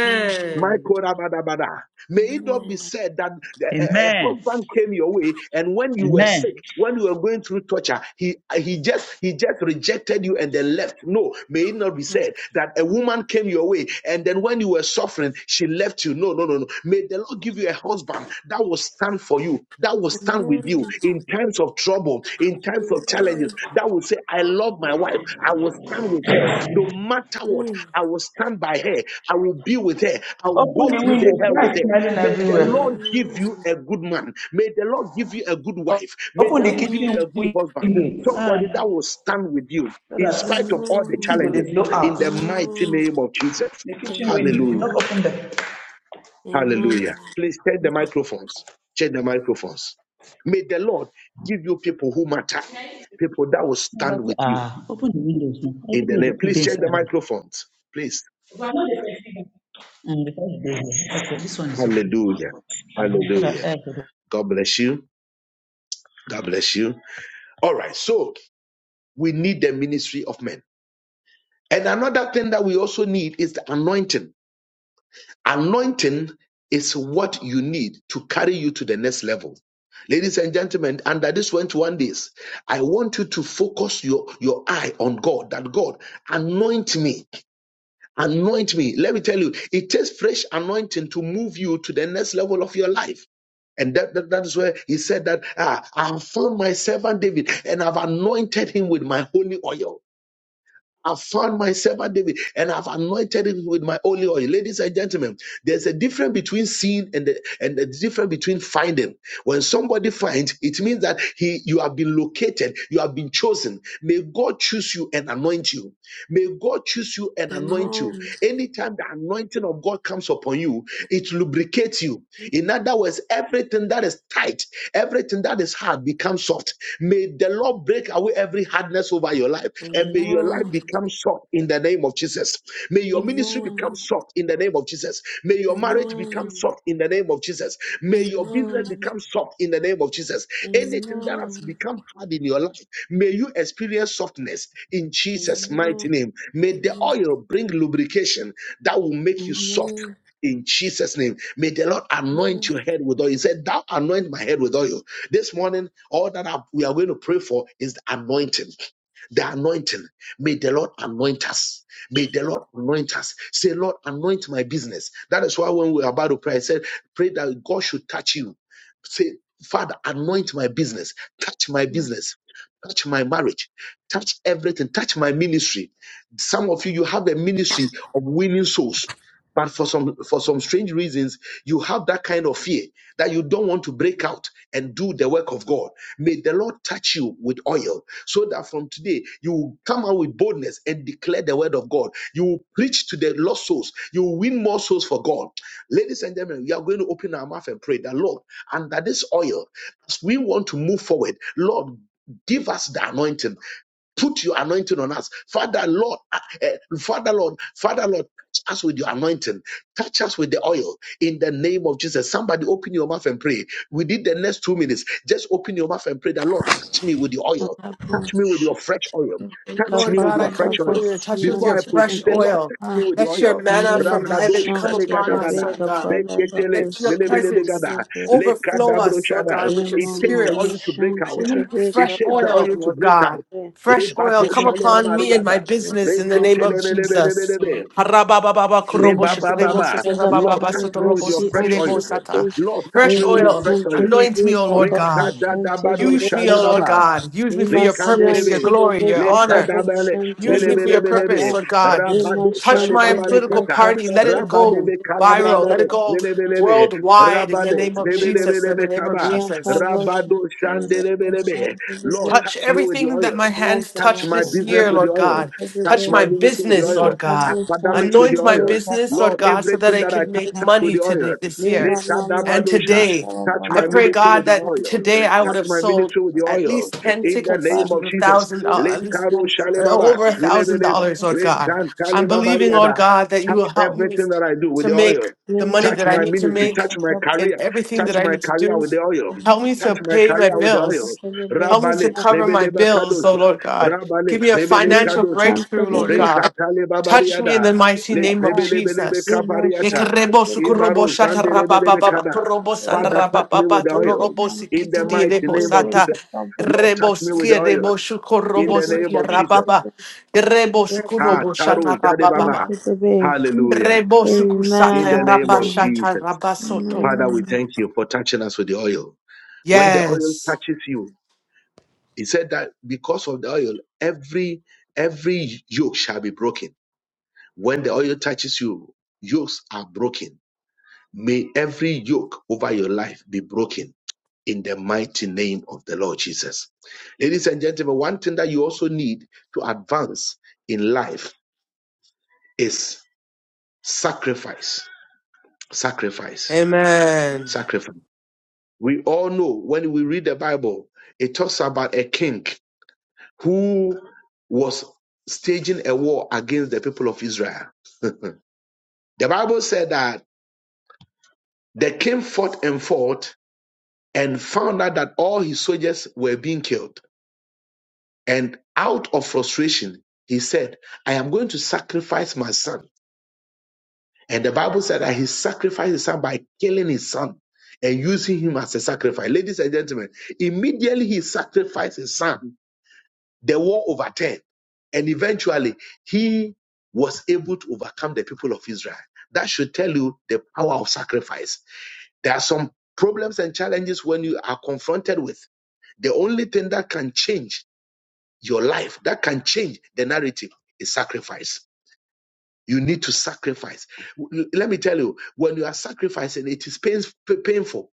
A: My Korabadabada. May it not be said that the- a, a
D: Amen.
A: husband came your way, and when you were
D: Amen.
A: sick, when you were going through torture, he he just he just rejected you and then left. No, may it not be said that a woman came your way, and then when you were suffering, she left you. No, no, no, no. May the Lord give you a husband that will stand stand for you, that will
B: Amen. Amen. Mm. Amen.
A: stand with you in times of trouble, in times of challenges, that will say, I love my wife. I will stand with her. No matter what, I will stand by her. I will be with her. I will
D: Open
A: go
D: the
A: through the
D: window.
A: hell with
D: Flies
A: her.
D: smelling
A: May the Lord
D: everywhere.
A: give you a good man. May the Lord give you a good
D: O-
A: wife. May the
D: Open the
B: Amen.
A: Lord give
B: Amen.
A: you
D: kitchen
A: a good husband.
D: window. Ah,
A: Somebody that will stand with you
D: so
A: in spite
D: that
A: of all the
D: the
B: Amen.
D: thing go
A: challenges
D: dey blow
A: in
D: out.
A: the mighty name of Jesus.
D: The kitchen window. You not
A: Hallelujah.
D: open them.
B: Amen.
A: Hallelujah. Please check the microphones. Check the microphones. May the Lord give you people who matter, people that will stand
D: Nobody to-
A: with you
D: ah, open the windows now.
A: in
D: Everything
A: the
D: will
A: name.
D: dey cool
A: Please
D: dey
A: check
D: inside.
A: the
D: house.
A: microphones. Please.
D: I know they can see Mm, because they dey here. Okay, this one is open.
A: Hallelujah.
D: Uh-huh. So that
A: Hallelujah.
D: air go dey-
A: God bless you. God bless you. All right. So we need the ministry of men. And another thing that we also need is the anointing Anointing is what you need to carry you to the next level. Ladies and gentlemen, under this 21 days, I want you to focus your, your eye on God, that God, anoint me. Anoint me. Let me tell you, it takes fresh anointing to move you to the next level of your life. And that, that, that is where he said that ah, I have found my servant David and I've anointed him with my holy oil. I found my servant David and I've anointed him with my holy oil. Ladies and gentlemen, there's a difference between seeing and the, and the difference between finding. When somebody finds, it means that he you have been located, you have been chosen. May God choose you and anoint you. May God choose you and anoint you.
B: Amen.
A: Anytime the anointing of God comes upon you, it lubricates you. In other words, everything that is tight, everything that is hard becomes soft. May the Lord break away every hardness over your life and may your life
B: Amen.
A: become soft in the name of Jesus. May your
B: Amen.
A: your ministry
B: Amen.
A: become soft in the name of Jesus. May your marriage become
B: Amen.
A: soft in the name of Jesus.
B: Amen.
A: May your business
B: Amen.
A: become soft in the name of Jesus. Anything that has
B: Amen.
A: become hard in your life, may you experience softness in Jesus'
B: Amen.
A: mighty name. May the oil bring lubrication that will make you soft
B: Amen.
A: in Jesus' name. May the Lord anoint
B: Amen.
A: your head with oil. He said, Thou anoint my head with oil. This morning, all that I- we are going to pray for is the anointing. The anointing. May the Lord anoint us. May the Lord anoint us. Say, Lord, anoint my business. That is why when we were about to pray, I said, pray that God should touch you. Say, Father, anoint my business. Touch my business. Touch my marriage. Touch everything. Touch my ministry. Some of you, you have a ministry of winning souls. But for some for some strange reasons, you have that kind of fear that you don't want to break out and do the work of God. May the Lord touch you with oil so that from today you will come out with boldness and declare the word of God. You will preach to the lost souls. You will win more souls for God. Ladies and gentlemen, we are going to open our mouth and pray that, Lord, under this oil, as we want to move forward, Lord, give us the anointing Put your anointing on us. Father, Lord, uh, uh, Father, Lord, Father, Lord, touch us with your anointing. Touch us with the oil in the name of Jesus. Somebody open your mouth and pray. We did the next two minutes. Just open your mouth and pray that, Lord, touch me with your oil. Touch me with
B: Adabosh.
A: your fresh oil.
B: Rebecca
A: Touch
C: Lord
A: me with
C: God, I
A: your
C: come
A: fresh oil.
C: before you and
B: Badadabosh.
C: touch you with
A: Before
C: your
A: I
B: Yanti
A: proceed,
C: fresh
A: say,
B: Rebecca.
A: Lord,
C: oil.
A: touch me with your
C: Let your
A: oil.
C: manna from
B: Nema
A: Rabado
C: heaven come
B: Shanti
C: upon us,
A: shalegadabada,
C: Lord
B: Rebecca
C: God.
A: reketele,
C: Let your
B: Badadabosh. Yanti
C: presence
A: lelebelebegada,
C: overflow
B: Rebecca.
C: us, Lord
A: lekadabroshada.
C: God, with your
A: It
B: Nema
A: takes the
B: Mama
A: oil
C: spirit.
A: to break
B: Shanti
C: We
A: out.
C: need the
A: It
B: Rebecca
C: fresh
A: takes the
C: oil,
A: oil
B: Badadabosh.
A: to
C: Lord
A: break out.
C: God. Fresh oil
A: Lebato
C: come
A: Shalina
C: upon me and my
A: Mariaga.
C: business
B: Rebecca
C: in the name of Jesus.
A: Reketelebelebelebelebe.
B: Badadabosh.
C: Fresh
B: Lema
A: Lebababa.
B: Santa da
A: Lord, touch
B: Bahari
A: me with your
B: Bosi
A: fresh oil.
B: Ante de Be
A: Lord, touch me with
B: Lema
A: your
C: oil,
A: fresh
B: Santa
A: oil.
B: de
C: anoint
B: Be
C: me, O Lord
B: Kappa
C: God.
B: Santa de
A: Rekadadabado
B: Be
C: Use me, O
B: Kappa
C: Lord
A: Shalebaba.
C: God. Use me for your
B: masi
C: purpose, your
A: Lekandelebe,
B: Santa de
C: glory,
B: Be
C: your
B: Kappa
C: honor.
A: lekadabele,
B: Santa
C: Use
B: de
C: me for
B: Be
C: your
B: Kappa
C: purpose,
A: lelebelebelebe,
C: Lord God.
A: rabado
B: Lema
C: Touch
B: Santa
C: my
B: de Be
C: political
A: shalebabarekata,
C: party. Let
B: Kappa
C: it go
A: rabadebe
C: viral.
B: Santa
C: Let
A: kalabranale,
C: it go
A: lelebelebe,
C: worldwide in the
A: rabade,
B: Thank
C: name of Jesus. In the
A: lebelebelebe
C: name of
A: kaba,
C: Jesus.
A: rabado shandelebelebe. Lord,
C: Touch
A: touch me with the
C: everything that my
A: oil.
C: hands
A: Touch
C: touch
A: my
C: this
A: business
C: year,
A: with the
C: Lord
A: oil.
C: God.
A: Touch
C: Touch
A: my
C: my
A: ministry with the
C: business,
A: oil.
C: Lord God.
A: Academics with the
C: Anoint my
A: oil.
C: business, Lord
A: Lord,
C: God, so that
A: everything
C: I
A: that I
C: can
A: touch,
C: make
A: touch with
C: money
A: the oil.
C: today this year. And
A: Lekadabadosha.
C: today,
A: Touch
C: I
A: my
C: pray
A: ministry with
C: God
A: the
C: that
A: oil.
C: today I would
A: Touch
C: have
A: my
C: sold
A: ministry with the
C: at
A: oil
C: least 10
A: in the
C: tickets,
A: name
C: which
A: of
C: is a
A: Jesus.
C: thousand dollars,
A: Let
C: at least
A: Karo
C: uh,
A: Shalebaba,
C: over a thousand
A: Relebele,
C: dollars, Lord
A: Let
C: God.
A: Kan
C: I'm believing, Lord
A: Kalebabariada.
C: God, that you
A: Touch
C: will help me
A: everything that I do with
C: to
A: the
C: make
A: oil.
C: the money
A: Touch
C: that I
A: my
C: need to
A: ministry,
C: make
A: touch my
C: and
A: career,
C: everything
A: touch
C: that I
B: you.
A: my
C: need to
A: career
C: do.
A: with the oil,
B: Amen. Amen. Amen. Yes, Lord. Father, we thank
C: Help me to
A: touch my
C: pay my
A: career with the oil.
C: bills
B: you
C: Help me to
A: Rabale,
B: for
C: cover my
A: Rebele
C: bills, oh
A: Bakadosa,
C: Lord God.
A: Rabale,
C: Give me a
A: Rebele
C: financial
A: Kadosa,
C: breakthrough, Lord God.
A: Retatale
C: Touch me in
A: Babariada,
C: the mighty
A: Le
C: name of
A: Rebele Belebe
C: Jesus.
A: Kapariata,
C: Ekerebo sukorobo
A: Imaro
C: shata
A: Zande Rebele
C: rabababa,
A: Kada.
C: korobo sanda
A: Father, touch me with
C: rabababa,
A: the oil
C: todorobo
A: in the
C: sikitidi
A: mighty
C: rebo
A: name of
C: sata,
A: Jesus. Lord,
C: rebo
A: touch me with
C: siki
A: oil
C: rebo
A: in
C: shukorobo
A: the name
C: siki
A: of Jesus.
C: rababa, rebo
A: Ha,
C: sukunobo
A: Taro,
C: shata
A: Jade Baba.
C: rabababa,
A: Hallelujah.
C: rebo
A: In
C: sukusata
A: the name of
C: rabashata
A: Jesus.
C: rabasoto.
A: Father, we thank you for touching us with the oil. When the oil
C: Yes.
A: touches you, he said that because of the oil, every every yoke shall be broken. When the oil touches you, yokes are broken. May every yoke over your life be broken in the mighty name of the Lord Jesus. Ladies and gentlemen, one thing that you also need to advance in life is sacrifice. Sacrifice.
C: Amen.
A: Sacrifice. We all know when we read the Bible, it talks about a king who was staging a war against the people of Israel. The Bible said that the king fought and fought and found out that all his soldiers were being killed. And out of frustration, he said, I am going to sacrifice my son And the Bible said that he sacrificed his son by killing his son and using him as a sacrifice. Ladies and gentlemen, immediately he sacrificed his son, the war overturned. And eventually he was able to overcome the people of Israel. That should tell you the power of sacrifice. There are some problems and challenges when you are confronted with. The only thing that can change your life, that can change the narrative, is sacrifice you need to sacrifice. L- Let me tell you, when you are sacrificing, it is pain, p- painful,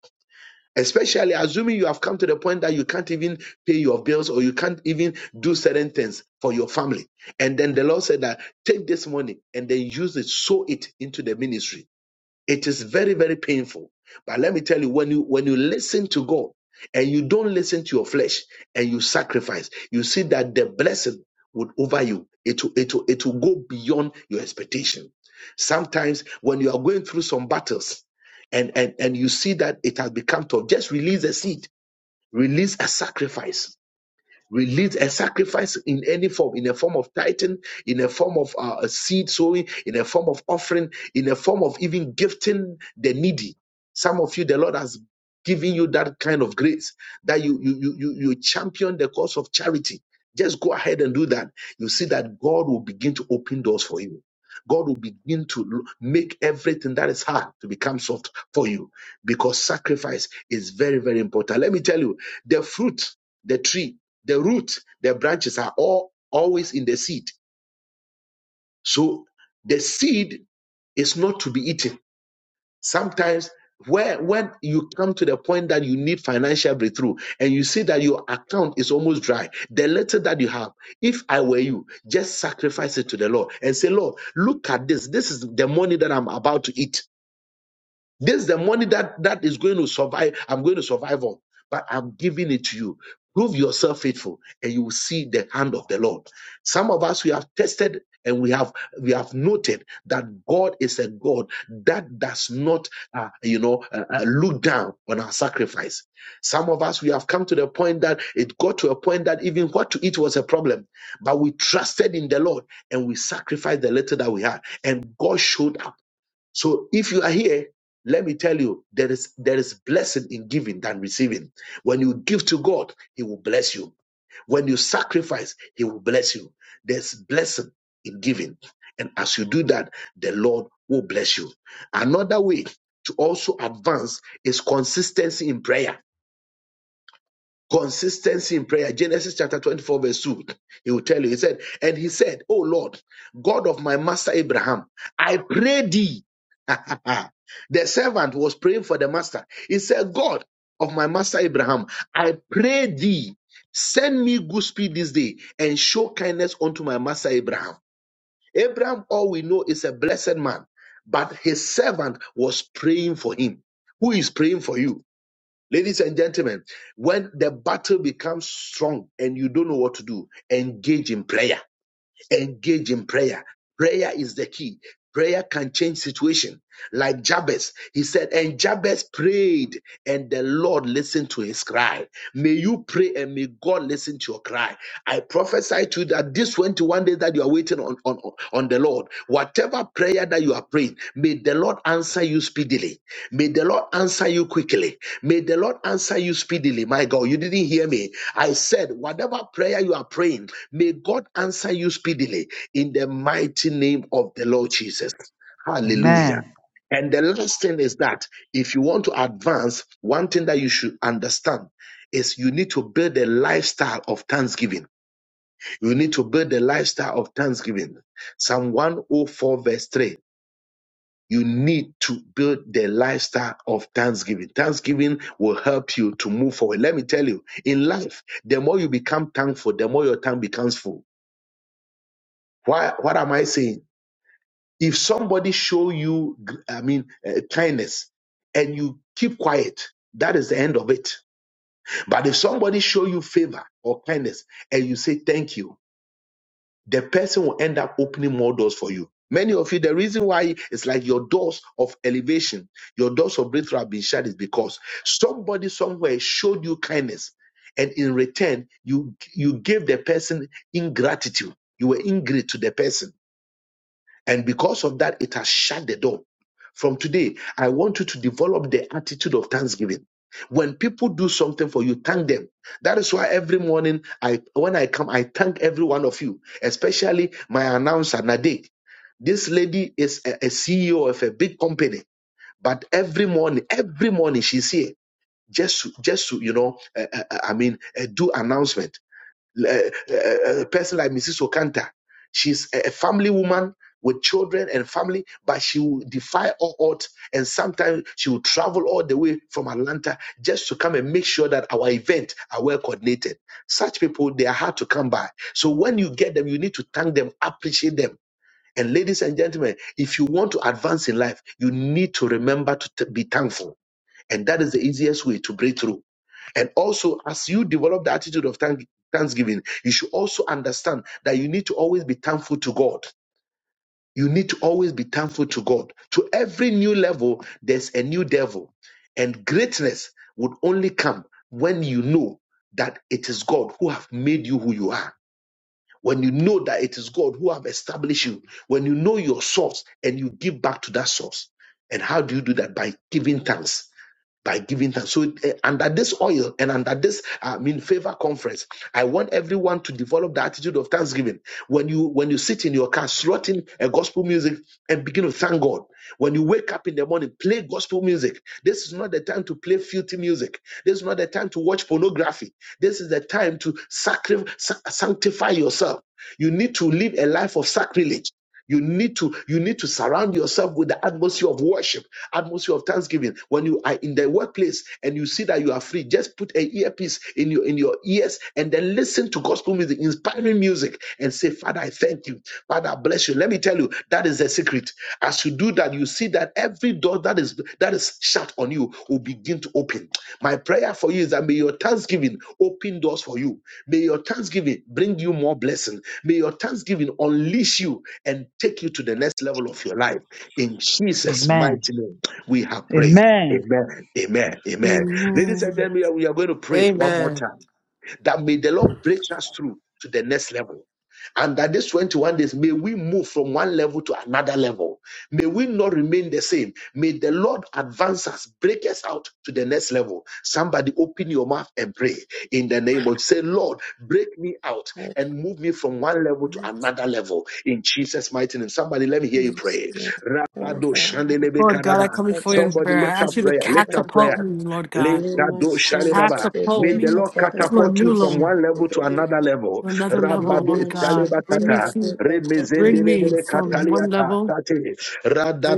A: especially assuming you have come to the point that you can't even pay your bills or you can't even do certain things for your family. And then the Lord said that take this money and then use it, sow it into the ministry it is very, very painful. But let me tell you, when you when you listen to God and you don't listen to your flesh and you sacrifice, you see that the blessing would over you. It will, it will, it will go beyond your expectation. Sometimes when you are going through some battles and, and, and you see that it has become tough, just release a seed, release a sacrifice release a sacrifice in any form, in a form of tithing, in a form of uh, a seed sowing, in a form of offering, in a form of even gifting the needy. Some of you, the Lord has given you that kind of grace that you you you you, you champion the cause of charity. Just go ahead and do that. You see that God will begin to open doors for you. God will begin to make everything that is hard to become soft for you because sacrifice is very, very important. Let me tell you, the fruit, the tree the root, the branches are all always in the seed. So the seed is not to be eaten. Sometimes where when you come to the point that you need financial breakthrough and you see that your account is almost dry, the little that you have, if I were you, just sacrifice it to the Lord and say, Lord, look at this. This is the money that I'm about to eat. This is the money that that is going to survive. I'm going to survive on, but I'm giving it to you. Prove yourself faithful, and you will see the hand of the Lord. Some of us we have tested and we have we have noted that God is a God that does not uh, you know uh, uh, look down on our sacrifice. Some of us we have come to the point that it got to a point that even what to eat was a problem, but we trusted in the Lord and we sacrificed the little that we had, and God showed up. So if you are here, let me tell you, there is there is blessing in giving than receiving. When you give to God, He will bless you. When you sacrifice, He will bless you. There's blessing in giving, and as you do that, the Lord will bless you. Another way to also advance is consistency in prayer Consistency in prayer. Genesis chapter 24, verse 2. He will tell you. He said, And he said, Oh Lord, God of my master Abraham, I pray thee. the servant was praying for the master. He said, God of my master Abraham, I pray thee, send me good speed this day and show kindness unto my master Abraham. Abraham, all we know, is a blessed man, but his servant was praying for him. Who is praying for you? Ladies and gentlemen, when the battle becomes strong and you don't know what to do, engage in prayer. Engage in prayer. Prayer is the key. Prayer can change situation. Like Jabez, he said, and Jabez prayed, and the Lord listened to his cry. May you pray, and may God listen to your cry. I prophesy to you that this 21 days that you are waiting on, on, on the Lord, whatever prayer that you are praying, may the Lord answer you speedily. May the Lord answer you quickly. May the Lord answer you speedily. My God, you didn't hear me. I said, whatever prayer you are praying, May God answer you speedily in the mighty name of the Lord Jesus. Hallelujah.
D: Amen.
A: And the last thing is that if you want to advance, one thing that you should understand is you need to build a lifestyle of thanksgiving. You need to build a lifestyle of thanksgiving. Psalm 104, verse 3. You need to build the lifestyle of thanksgiving. Thanksgiving will help you to move forward. Let me tell you, in life, the more you become thankful, the more your tongue becomes full Why, what am I saying? If somebody show you, gr- I mean, uh, kindness, and you keep quiet, that is the end of it. But if somebody show you favor or kindness, and you say thank you, the person will end up opening more doors for you. Many of you, the reason why it's like your doors of elevation, your doors of breakthrough have been shut is because somebody somewhere showed you kindness, and in return, you you gave the person ingratitude. You were ingrateful to the person And because of that, it has shut the door. From today, I want you to develop the attitude of thanksgiving. When people do something for you, thank them. That is why every morning, I when I come, I thank every one of you, especially my announcer Nadek. This lady is a, CEO of a big company, but every morning, every morning she's here just to, just to you know, uh, uh, uh, I mean, uh, do announcement a, a a person like Mrs. Okanta. She's a a family woman with children and family, but she will defy all odds. And sometimes she will travel all the way from Atlanta just to come and make sure that our event are well coordinated. Such people, they are hard to come by. So when you get them, you need to thank them, appreciate them. And ladies and gentlemen, if you want to advance in life, you need to remember to t- be thankful. And that is the easiest way to break through. And also, as you develop the attitude of thank- thanksgiving, you should also understand that you need to always be thankful to God. You need to always be thankful to God. To every new level, there's a new devil. And greatness would only come when you know that it is God who have made you who you are. When you know that it is God who have established you. When you know your source and you give back to that source. And how do you do that? By giving thanks by giving thanks. So eh, under this oil and under this I mean favor conference, I want everyone to develop the attitude of thanksgiving. When you when you sit in your car slotting a gospel music and begin to thank God. When you wake up in the morning, play gospel music. This is not the time to play filthy music. This is not the time to watch pornography. This is the time to sacri- sa- sanctify yourself. You need to live a life of sacrilege. You need to you need to surround yourself with the atmosphere of worship atmosphere of thanksgiving. When you are in the workplace and you see that you are free, just put an earpiece in your in your ears and then listen to gospel music, inspiring music, and say, Father, I thank you. Father, I bless you. Let me tell you, that is the secret. As you do that, you see that every door that is that is shut on you will begin to open. My prayer for you is that may your thanksgiving open doors for you. May your thanksgiving bring you more blessing. May your thanksgiving unleash you and take you to the next level of your life. In Jesus'
D: Amen.
A: mighty name, we have prayed.
D: Amen.
A: Amen. Amen. Amen. Ladies and gentlemen, we are going to pray one more
C: Amen.
A: time. That may the Lord break us through to the next level. And that these 21 days, may we move from one level to another level. May we not remain the same. May the Lord advance us, break us out to the next level. Somebody open your mouth and pray in the name of say, Lord, break me out and move me from one level to another level in Jesus' mighty name. Somebody, let me hear you pray. Rabado shandelebe
C: Lord God, I
A: kadaba.
C: come
B: the
C: before you in
A: Somebody
C: prayer. I
A: lift
B: opportunity
A: up
C: ask you to
A: prayer, lift up
B: to
A: prayer.
C: catapult me, Lord God.
B: Lima Shanta Bebe
C: Catapult
A: May the
C: me
A: Lord
B: Kapada
C: to a
A: catapult you
C: new
B: Dabu
A: from
C: level,
A: one
B: Shanta
A: level to
B: Bebe
A: another level.
C: to another level,
B: Lima
A: Rabado
C: Lord God.
B: Shanta
C: Bring me
A: Talebakata.
B: Bebe
C: to,
B: Kapabu
C: bring me
A: Remezendelebele
B: Shanta
C: from
B: Bebe
C: one
A: kataliata
C: level
A: tate.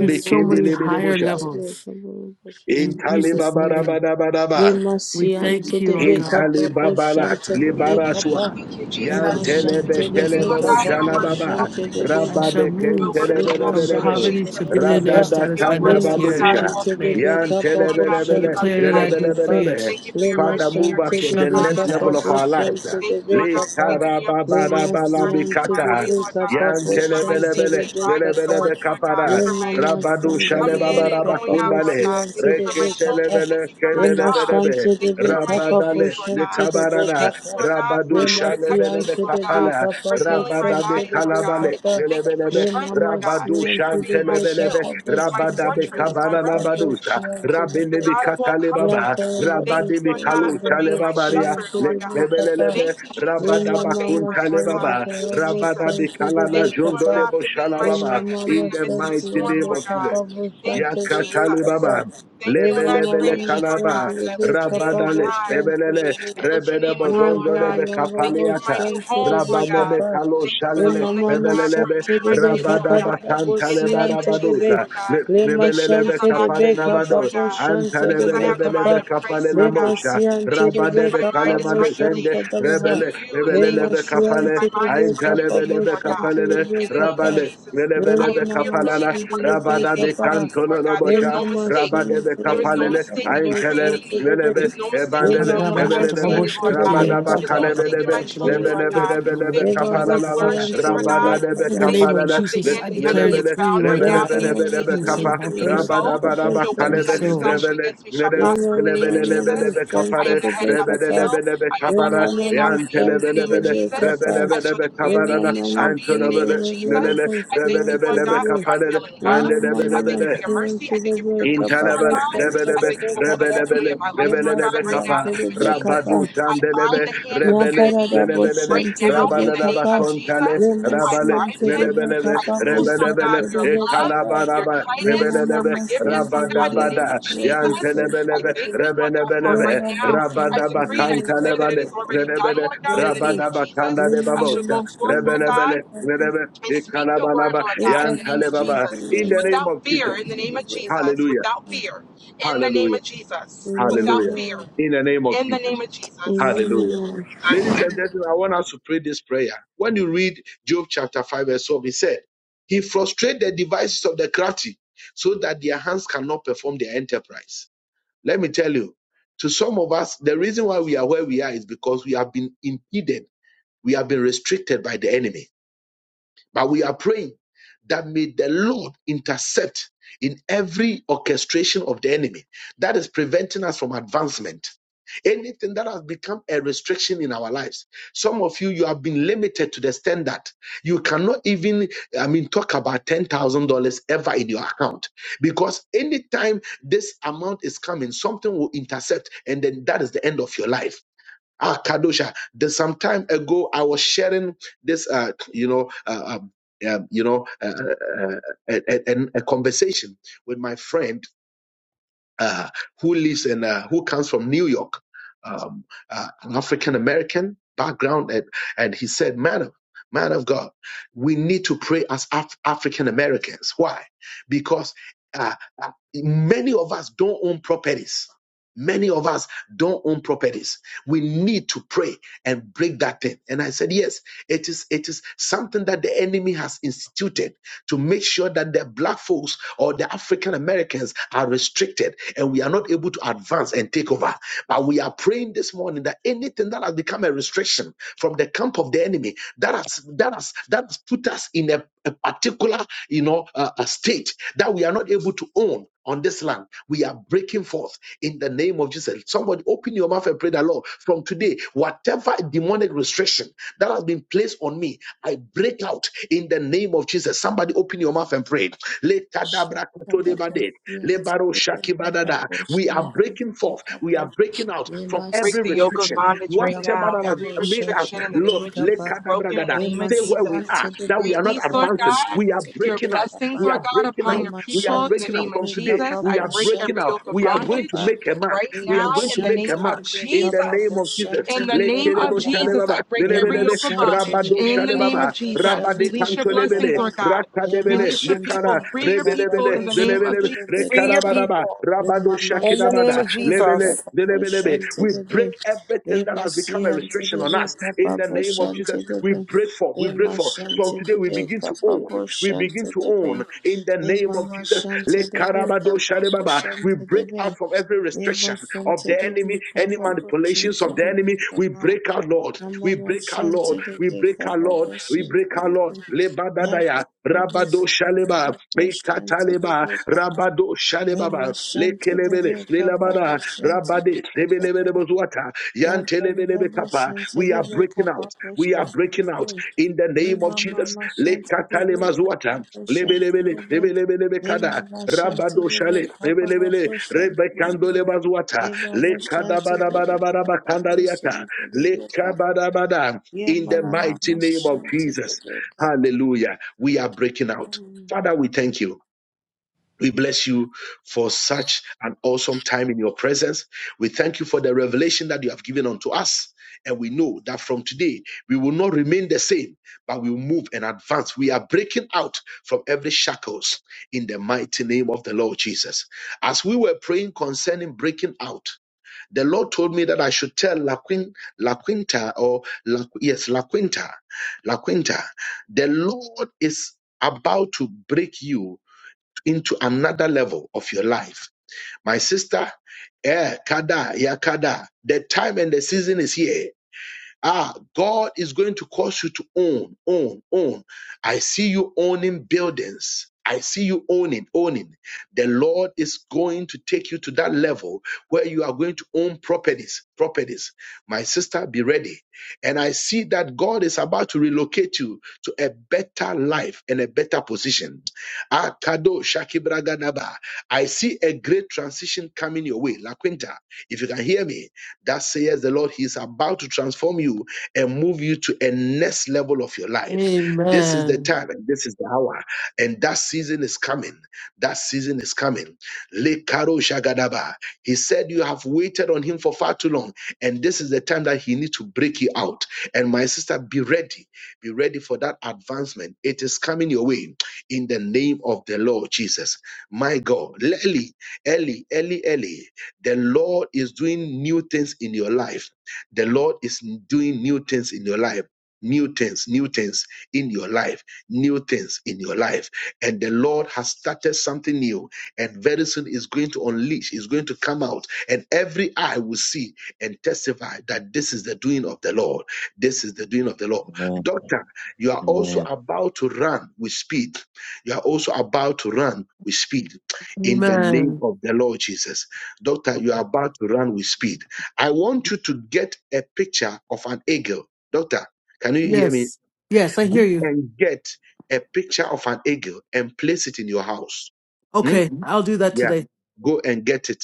C: to so many higher
A: bosha.
B: Shanta Bebe
C: levels.
B: Kapabu
C: In
B: Shanta
C: Jesus'
B: Bebe Kapa
C: name,
A: Intalebabarabadabadaba.
B: Lima
C: we
B: Shanta
C: thank you, Lord
B: Bebe
C: God.
B: Kapabu
A: Intalibabala
B: Shanta Bebe
A: Libaraswa
B: Kapa
E: Thank you,
C: In the
A: Yan
B: Lima
E: Jesus.
C: name of
A: Telebe
B: Shanta
E: You
B: Bebe
E: Lord
A: Teleboro
E: God,
C: Jesus,
E: you are
B: Kapabu
E: worthy of all
A: Shalababa
B: Shanta
E: praise.
C: I
B: Bebe
C: shall
A: Rabade
E: You
A: Ken
E: are
C: move
E: worthy of
B: Lima
E: all
C: from
A: Telebelebelebe
E: praise,
B: Shanti
C: poverty
E: Jesus.
C: to
B: Debe
C: billionaire
B: Kappa,
A: Radada
C: status
E: You are
C: by
A: Tanda
E: worthy,
B: Lima
C: next
E: Lord
C: year. In
E: God, of
A: Badusha
E: all
C: Jesus'
B: Shanti
E: praise.
C: name,
B: Debe
A: Yan
E: Thank
B: Kappa,
E: you,
B: Bo
E: Lord God,
C: I
E: for your
B: Shanti
E: loving
C: declare that
B: Debe
C: I can
E: kindness.
C: free
B: Kappa,
C: it.
A: Telebelebelebelebelebe
E: Thank you for your
B: Lima
A: Father,
E: mercy and
A: move
E: your
A: us
B: Shanti
C: It
A: to
E: grace
A: the
C: shall
B: Debe
C: come
E: upon
C: to
A: next
E: us,
B: Kappa,
A: level
C: pass.
E: Lord
A: of
B: Bo
A: our
E: God.
B: Shanti
A: life.
E: Thank you,
B: Debe
E: Lord
A: Le
E: God, for
B: Kappa,
E: waking me up this
A: Tarababala
B: Lima
E: morning, for starting me on
B: Shanti
E: my
A: Bikata
E: way,
B: Debe
E: Lord
B: Kappa,
E: God,
A: Yan
B: Bo
E: for my
B: Shanti
A: Telebelebele
E: safety
B: Debe
E: driving to
B: Kappa,
A: Belebelebe
E: work, Lord God,
B: Lima
A: Kapara
E: for my
A: Rabadu
B: Shanti
E: coming
B: Debe
E: in
A: Shalebaba
E: and going
B: Kappa, Bo
E: out, Lord
A: Rabakundale
E: God.
B: Shanti
E: Thank you for
B: Debe
E: my
B: Kappa,
E: children.
A: Reketelebele
E: Thank you for my
B: Lima
E: job.
A: Kendelebelebe
B: Shanti
E: Thank you
B: Debe
E: for my
B: Kappa, Bo
A: Rabadale
E: increase, Lord
B: Shanti
E: God.
B: Debe
A: Lekabarana
E: Thank you,
B: Kappa,
E: Lord God,
A: Rabadu
B: Le
E: for
B: masian
E: protecting me,
A: Shalebelebe
B: to
E: Lord
B: the
E: God,
B: break
A: Tapala
B: up
E: for
B: of
E: healing my
B: some
A: rabada Rabadabe
B: to
E: body,
B: the
E: Lord
B: break
E: God.
A: Kalabale
B: up.
E: Thank you for
A: Lelebelebe
B: Le
E: strength, Lord
B: mama
E: God.
A: Rabadu
E: Thank
B: sian
E: you for
B: to
E: being
B: the
E: my
B: break up
A: Shantelebelebe
E: shield,
B: of
E: my
B: some to the
A: Rabadabe
E: fortress,
B: break
E: my
A: Kabana
B: up of
A: Badusa
E: refuge
B: sian to the
E: the
A: Rabelebi
B: break.
E: God of all
B: Yam
A: Katalebaba
E: comfort.
B: pam the
E: Thank
B: break
E: you,
A: Rabadibi
E: Lord God,
A: Kalu
E: for
B: the
E: being
B: book
E: my
A: Chalebabaria
B: sian
E: shepherd,
B: to the
E: Lord God.
B: break up.
A: Lebelebe
E: Thank you,
B: Le
E: Jesus, for
A: Rabadaba
B: mama
E: favor, Lord
B: masan
E: God,
B: as
A: Kuntalebaba
E: in
B: a
E: the name of
B: rubber son
A: Rabadabi
E: Jesus.
B: to the
A: Kalana
E: Thank you,
B: break
E: Lord
B: up.
E: God,
A: Jondolebo
E: for being my
B: Le
A: Shalababa
E: strength
B: mama
E: even
A: in
E: in the
A: the
B: masan
E: midst of the
B: to
A: mighty
B: the
E: storm,
A: name
B: break
A: of
E: Lord
B: up
E: God.
A: Jesus
B: of some
E: Thank
B: to
E: you,
B: the break
E: Jesus.
A: Yakatalebaba
B: up.
E: Thank you,
B: Le
E: and I
B: mama
A: Lebelebele
E: praise you, Lord
A: Kalaba
B: masan to
E: God,
B: the
E: and I lift
B: break
E: your
B: up
E: name on
A: Rabadale,
B: of
E: high.
B: some to
A: Rebelele,
B: the break.
E: I lift your
A: Rebede
E: name on high,
B: Yamba
E: Lord
A: Bozondo
E: God.
A: Lebe
E: Thank you
B: Lombo
E: for my
A: Kapaliata,
E: new
B: Santa de
E: home, Lord God.
A: Rabaneme
B: Becapa,
A: Kalo
E: Thank you for
B: le
E: the
A: Shalele,
E: home that you
B: Mama
E: have for
A: Rebelelebe,
E: me
B: Santa
E: and
B: de
E: my kids, Lord
A: Rabada
B: Becapa, da
E: God.
B: da
E: In
A: Batantale
E: the name of
B: Bosiante de
E: Jesus,
B: Be,
A: Barabaduza,
E: Lord God.
B: le
E: Thank you
A: Rebelelebe
E: because I'm
B: machante de
E: not
A: Kapale
E: confused,
B: Becapa,
A: Namado,
E: Lord God.
B: Boshante
E: Because
B: de
E: I have the mind
A: Antalebelebelebe
B: Becapa,
E: of
A: Kapale
E: Christ,
B: le
E: Lord God.
A: Namosha,
B: Siante
E: Thank you
B: de
E: because my
A: Rabadebe
B: Becapa,
E: mind is
A: Kalemane Zende,
B: Boshanta
E: regulated
B: de
E: in
B: Baha,
A: Rebele,
E: you, in the name
B: Lema
E: of
A: Rebelelebe
E: Jesus.
A: Kapale,
E: My
B: Siante de
E: mind is
B: Becapa,
E: regulated,
A: Aintalebelebe
E: Lord God.
B: Boshante de
A: Kapale,
E: In the name of
B: Becapa,
A: Rabale,
E: Jesus.
B: le
E: I
A: Rebelebe
E: am
B: Mama
E: fearfully
A: Kapalala,
E: and
B: Santa de
E: wonderfully
A: Rabada
E: made by
B: Becapa,
E: you, Lord
A: Bekantolo
E: God. There's
B: le
A: Bosha,
E: no
B: Mama
E: mistake.
A: Rabadebe
B: Santa
E: There
B: de
E: is no
A: Kapalele,
B: Becapa,
E: mistake in you
A: Aintele,
E: creating
B: Boshante
E: me.
B: de
A: Lelebe,
B: Be.
E: There's no mistaking
B: Rema
A: Ebandele,
E: you what
C: Sakaraba
B: mama
E: I've
A: Lebelebe,
C: Shatarabo
E: created,
B: shanti
E: Lord
B: the
E: God.
C: Shikitio,
B: bake
A: Rabadaba
B: up
E: There's no
B: at the
E: mistaking
A: Kalebelebe,
E: my
B: shanti the
E: children, Lord
B: bake.
E: God.
A: Lebelebelebelebe
E: Thank you
B: Rema
E: because I'm
B: busi
A: Kapalala,
E: flourishing,
B: unto
E: Lord
B: the
E: God.
B: bake up
A: Rabadadebe
C: In the
B: mama
E: Thank
C: name
E: you
C: of
A: Kapalala,
E: because the
C: Jesus,
E: hand
C: I
E: of
B: shanti
E: the
B: the
C: declare
E: enemy
C: and
E: is
B: bake.
A: Lebelebele,
C: decree,
E: bound
C: Lord
E: right
B: Yam
E: now in
C: God,
E: the name
C: that
B: mama
E: of
C: you
A: Rebelebelebelebe
E: Jesus.
C: will
B: busi
E: He is
A: Kapa,
C: save
B: unto
E: a
C: all
B: the
E: defeated
B: bake
C: persons
B: up
E: foe.
B: mama
A: Rabadabaraba
E: No
C: and
E: weapon
B: shanti
A: Kalebe,
E: that
B: the
E: is
B: bake.
C: souls.
E: fashioned
A: Rebele,
E: against me shall
A: Lele-
E: prosper in the name of
B: Yamama
E: Jesus.
A: Lebelebelebe
B: stand
E: I
B: to
A: Kapare,
E: am the head and
B: the
E: not the
B: Bakapa.
E: tail.
A: Rebelebelebe
E: I am above
A: Kapara,
E: only and not
B: Yamama
E: beneath
B: stand
E: in the
B: to
E: name
B: the
E: of
A: Yantelebelebele,
E: Jesus.
B: Bakapa.
E: I shall
A: Rebelebelebe
E: decree a thing
A: Kabarada,
E: and it shall
B: Yamama
E: be in the
B: stand
E: name
B: to
A: Antolebele,
E: of Jesus.
B: the
A: Lelele,
E: I thank you, Lord
A: Rebelebelebe
E: God, for
B: Bakapa.
E: your
A: Kapare,
E: unfailing love. I thank
B: Yamama
E: you
A: Andelebelebele,
E: for your
B: stand
E: mercy.
B: to
E: I thank you for your
B: the
E: grace,
B: Bakapa.
E: Lord
A: Intalabala,
E: God.
B: to
E: I
A: rebelebe,
B: the
E: thank you for all that you're
B: Bakapa.
E: doing
A: rebelebele,
E: in my life, Lord
B: Yamama
A: rebelebe,
E: God, right
B: stand
E: now in
A: kapa,
E: the
B: to
E: name of
B: the
E: Jesus.
A: rabadu
B: Bakapa.
E: I bind
A: sandelebe,
E: the hand of the
A: rebele,
E: enemy
B: Yamparada
A: rebelele,
E: right
B: Santa the
E: now in the
A: rabadalaba
E: name of
B: Bakapa.
A: kontale,
E: Jesus.
B: Yamama
E: I
A: rabale,
B: stand
E: bind
B: to the
E: him.
A: rebelebe,
E: I
B: Bakapa.
E: loose, Lord
B: Santa
A: rebelebele,
E: God, your
B: the
E: love,
B: Bakapa.
E: your
A: ekalabaraba,
E: kindness, your
A: rebelebe,
B: Yamama
E: forgiveness,
B: stand to
E: Lord God, in the
B: the
A: rabadabada,
E: name of
B: Bakapa.
E: Jesus. I
A: yantelebelebe,
B: Santa
E: thank you, Lord God, for it
A: rebelebelebe,
E: right now.
B: Amen.
E: I
A: rabadaba
E: decree and I declare that it
A: kantalebale,
E: is already done,
A: rebele,
E: Lord God, in the name of
A: rabadaba
E: Jesus.
A: kandale
E: I shall
A: babosa,
E: go forth, Lord God
A: rebelebele, rebele,
E: and speak your word,
A: ekalabalaba,
E: Lord God, in the name of
A: yantalebaba.
E: Jesus.
A: In the name
E: Without
A: of
E: fear,
A: Jesus.
E: in the name of Jesus.
A: Hallelujah.
E: Without fear, in the name
A: Hallelujah.
E: of Jesus. Without
A: Hallelujah.
E: fear,
A: In the name of
E: in the name
A: Jesus.
E: of Jesus.
A: Hallelujah. Ladies and gentlemen, I want us to pray this prayer. When you read Job chapter 5, verse 12, he said, He frustrated the devices of the crafty so that their hands cannot perform their enterprise. Let me tell you, to some of us, the reason why we are where we are is because we have been impeded, we have been restricted by the enemy. But we are praying that may the Lord intercept in every orchestration of the enemy that is preventing us from advancement. Anything that has become a restriction in our lives. Some of you, you have been limited to the standard. You cannot even, I mean, talk about $10,000 ever in your account because anytime this amount is coming, something will intercept and then that is the end of your life. Ah, Kadosha. There's some time ago, I was sharing this, uh, you know, uh, um, um, you know, uh, uh, uh, a, a, a a conversation with my friend uh, who lives in uh, who comes from New York, um, uh, an African American background, and, and he said, "Man of man of God, we need to pray as Af- African Americans. Why? Because uh, uh, many of us don't own properties." Many of us don't own properties. We need to pray and break that thing. And I said, yes, it is, it is something that the enemy has instituted to make sure that the black folks or the African Americans are restricted and we are not able to advance and take over. But we are praying this morning that anything that has become a restriction from the camp of the enemy that has that has that has put us in a, a particular you know uh, a state that we are not able to own. On this land, we are breaking forth in the name of Jesus. Somebody open your mouth and pray the Lord from today. Whatever demonic restriction that has been placed on me, I break out in the name of Jesus. Somebody open your mouth and pray. Lebaro shakibadada. We are breaking forth. We are breaking out from
E: break
A: every
E: the
B: Remasian
E: yoke of
B: to
A: restriction.
B: the
E: bondage right
B: cup
A: Whatever
B: of
E: now.
A: that has
B: the
E: Every
A: made
B: worship
A: us
E: restriction
B: to
E: in the
B: the
E: name
A: look,
E: of
B: big
E: Jesus
B: upper.
E: is broken in
A: lekadabragada,
E: the name of
A: stay where we
B: Remasian
E: Jesus.
A: are,
B: to the
A: that we
B: big
A: are not
E: Release,
B: upper
E: Lord
B: portion
A: advancing.
E: God,
A: We are
B: to the
E: your
A: breaking
B: big
A: out.
E: blessings,
A: We
B: upper.
E: Lord
A: are
E: God,
A: breaking
E: upon
A: out.
E: your
A: We are
E: people
B: Remasian
E: in the
A: breaking
B: to
A: out
B: the
E: name of
A: from
B: big
A: today.
E: Jesus.
B: upper
A: We
E: I
A: are
E: break
B: portion
A: breaking
E: every
A: out.
B: to
E: yoke
B: the
E: of
A: We are
B: big
A: going to
B: upper.
E: bondage
A: make a mark.
E: right
A: We
E: now
A: are going to
E: in the
B: Remasian
A: make
E: name
A: a
B: to
A: mark
E: of
B: the big
A: in the
B: upper
A: name
E: Jesus.
A: of
B: portion
A: Jesus.
E: In
B: to
E: the
B: the big
E: name of
A: Letelebo
B: upper.
E: Jesus, I
A: shalebaba,
E: break every
A: lelebelebe,
E: yoke of
B: Remasian to
E: bondage.
B: the
A: rabado
B: big
E: In the name
B: upper
A: shalebaba,
E: of Jesus,
A: rabade
E: release your blessings,
A: kantolebele,
E: Lord God.
A: rakadebele,
E: Release your people.
A: lekara,
E: Free your people
A: rebelebele,
E: in the name
B: portion
E: of
B: to
A: lelebelebe,
E: Jesus.
B: the
E: Free your
B: Shantidibikapa,
A: rekarabaraba,
E: people
A: rabado
B: Mama
E: in the name
B: Shanti
A: shakirabada,
E: of
B: Debe
A: lebele,
E: Jesus.
B: Kapapo
A: lelebelebe.
B: Shanti
A: We
B: Debe
A: break everything
B: Lebo
A: that has become a
B: Sianti
A: restriction on
B: Debe
A: us in the
B: Kapapo
A: name of Jesus.
B: Shanti
A: We
B: Debe
A: break for, we break
B: Lema
A: for. From
B: Shanti
A: today, we
B: Debe
A: begin to own,
B: Kapapo
A: we begin
B: Shanti
A: to own
B: Debe
A: in the name of
B: Lema
A: Jesus.
B: Shanti Debe
A: Lekarabado
B: Kapapo
A: shalebaba. We
B: Shanti
A: break out
B: Debe
A: out from every
B: Lema
A: restriction of
B: Shanti
A: the enemy,
B: Debe
A: any
B: Kapapo
A: manipulations
B: Shanti
A: of the enemy.
B: Debe
A: We break our Lord.
B: Kama
A: We
B: Mama
A: break our
B: Shanti
A: Lord. We
B: Debe
A: break our Lord.
B: Kapapo
A: We
B: Shanti
A: break our Lord.
B: Debe Yapa
A: Lebadadaya,
B: Kapapo
A: Rabado
B: Shanti
A: Shaleba,
B: Debe Kapapo Shanti
A: Bekataleba,
B: Debe Papa.
A: Rabado Shalebaba,
B: Emashante de
A: Lekelebele,
B: beka
A: Lelabada,
B: papushante de
A: Rabade,
B: beka baha.
A: Lebelebelebozwata,
B: Yampari de
A: Yantelebelebekapa.
B: bushante
A: We
B: de
A: are
B: beka
A: breaking out. We are
B: papushante de
A: breaking out
B: beka.
A: in the name of
B: Ema
A: Jesus.
B: mama shante de beka
A: Lekatalemazwata,
B: papushante
A: Lebelebele,
B: de beka. Ema
A: Lebelebelebekada,
B: mashante
A: Rabado
B: de
A: Shale,
B: beka
A: lebelebele
B: papushante de
A: Kandole
B: beka.
A: bazuata.
B: Ema bushante de beka
A: Lekadabadabadabadabakandariata.
B: papushante de beka.
A: Lekabadabada. In the
B: Yemana
A: mighty name of
B: namashante de
A: Jesus.
B: beka
A: Hallelujah. We are breaking out.
B: papushante.
A: Father, we thank you. We bless you for such an awesome your presence. We thank you for the revelation that you have given unto us. And we know that from today we will not remain the same, but we will move and advance. We are breaking out from every shackles in the mighty name of the Lord Jesus. As we were praying concerning breaking out, the Lord told me that I should tell La, Quin- La Quinta or La, yes, La Quinta, La Quinta, the Lord is about to break you into another level of your life. My sister, eh, Kada, ya Kada, the time and the season is here. Ah, God is going to cause you to own, own, own. I see you owning buildings. I see you owning, owning. The Lord is going to take you to that level where you are going to own properties, properties. My sister, be ready. And I see that God is about to relocate you to a better life and a better position. Ah, Kado Shakibragadaba. I see a great transition coming your way. La Quinta, if you can hear me, that says the Lord, He is about to transform you and move you to a next level of your life. This is the
C: Amen.
A: time and this is the hour. And that season is coming. That season is coming. Lekaro shagadaba. He said, You have waited on him for far too long. And this is the time that he needs to break you out. And my sister, be ready. Be ready for that advancement. It is coming your way in the name of the Lord Jesus. My God. Eli, Eli, Eli, Eli. The Lord is doing new things in your life. The Lord is doing new things in your life. New things, new things in your life, new things in your life. And the Lord has started something new, and very soon is going to unleash, is going to come out, and every eye will see and testify that this is the doing of the Lord. This is the doing of the Lord.
F: Amen.
A: Doctor, you are also
F: Amen.
A: about to run with speed. You are also about to run with speed in the name
C: Amen.
A: of the Lord Jesus. Doctor, you are about to run with speed. I want you to get a picture of an eagle. Doctor, can you hear me?
C: Yes.
A: Go and get a picture of an eagle and place it in your house. Hmm? Yeah. Go and get it.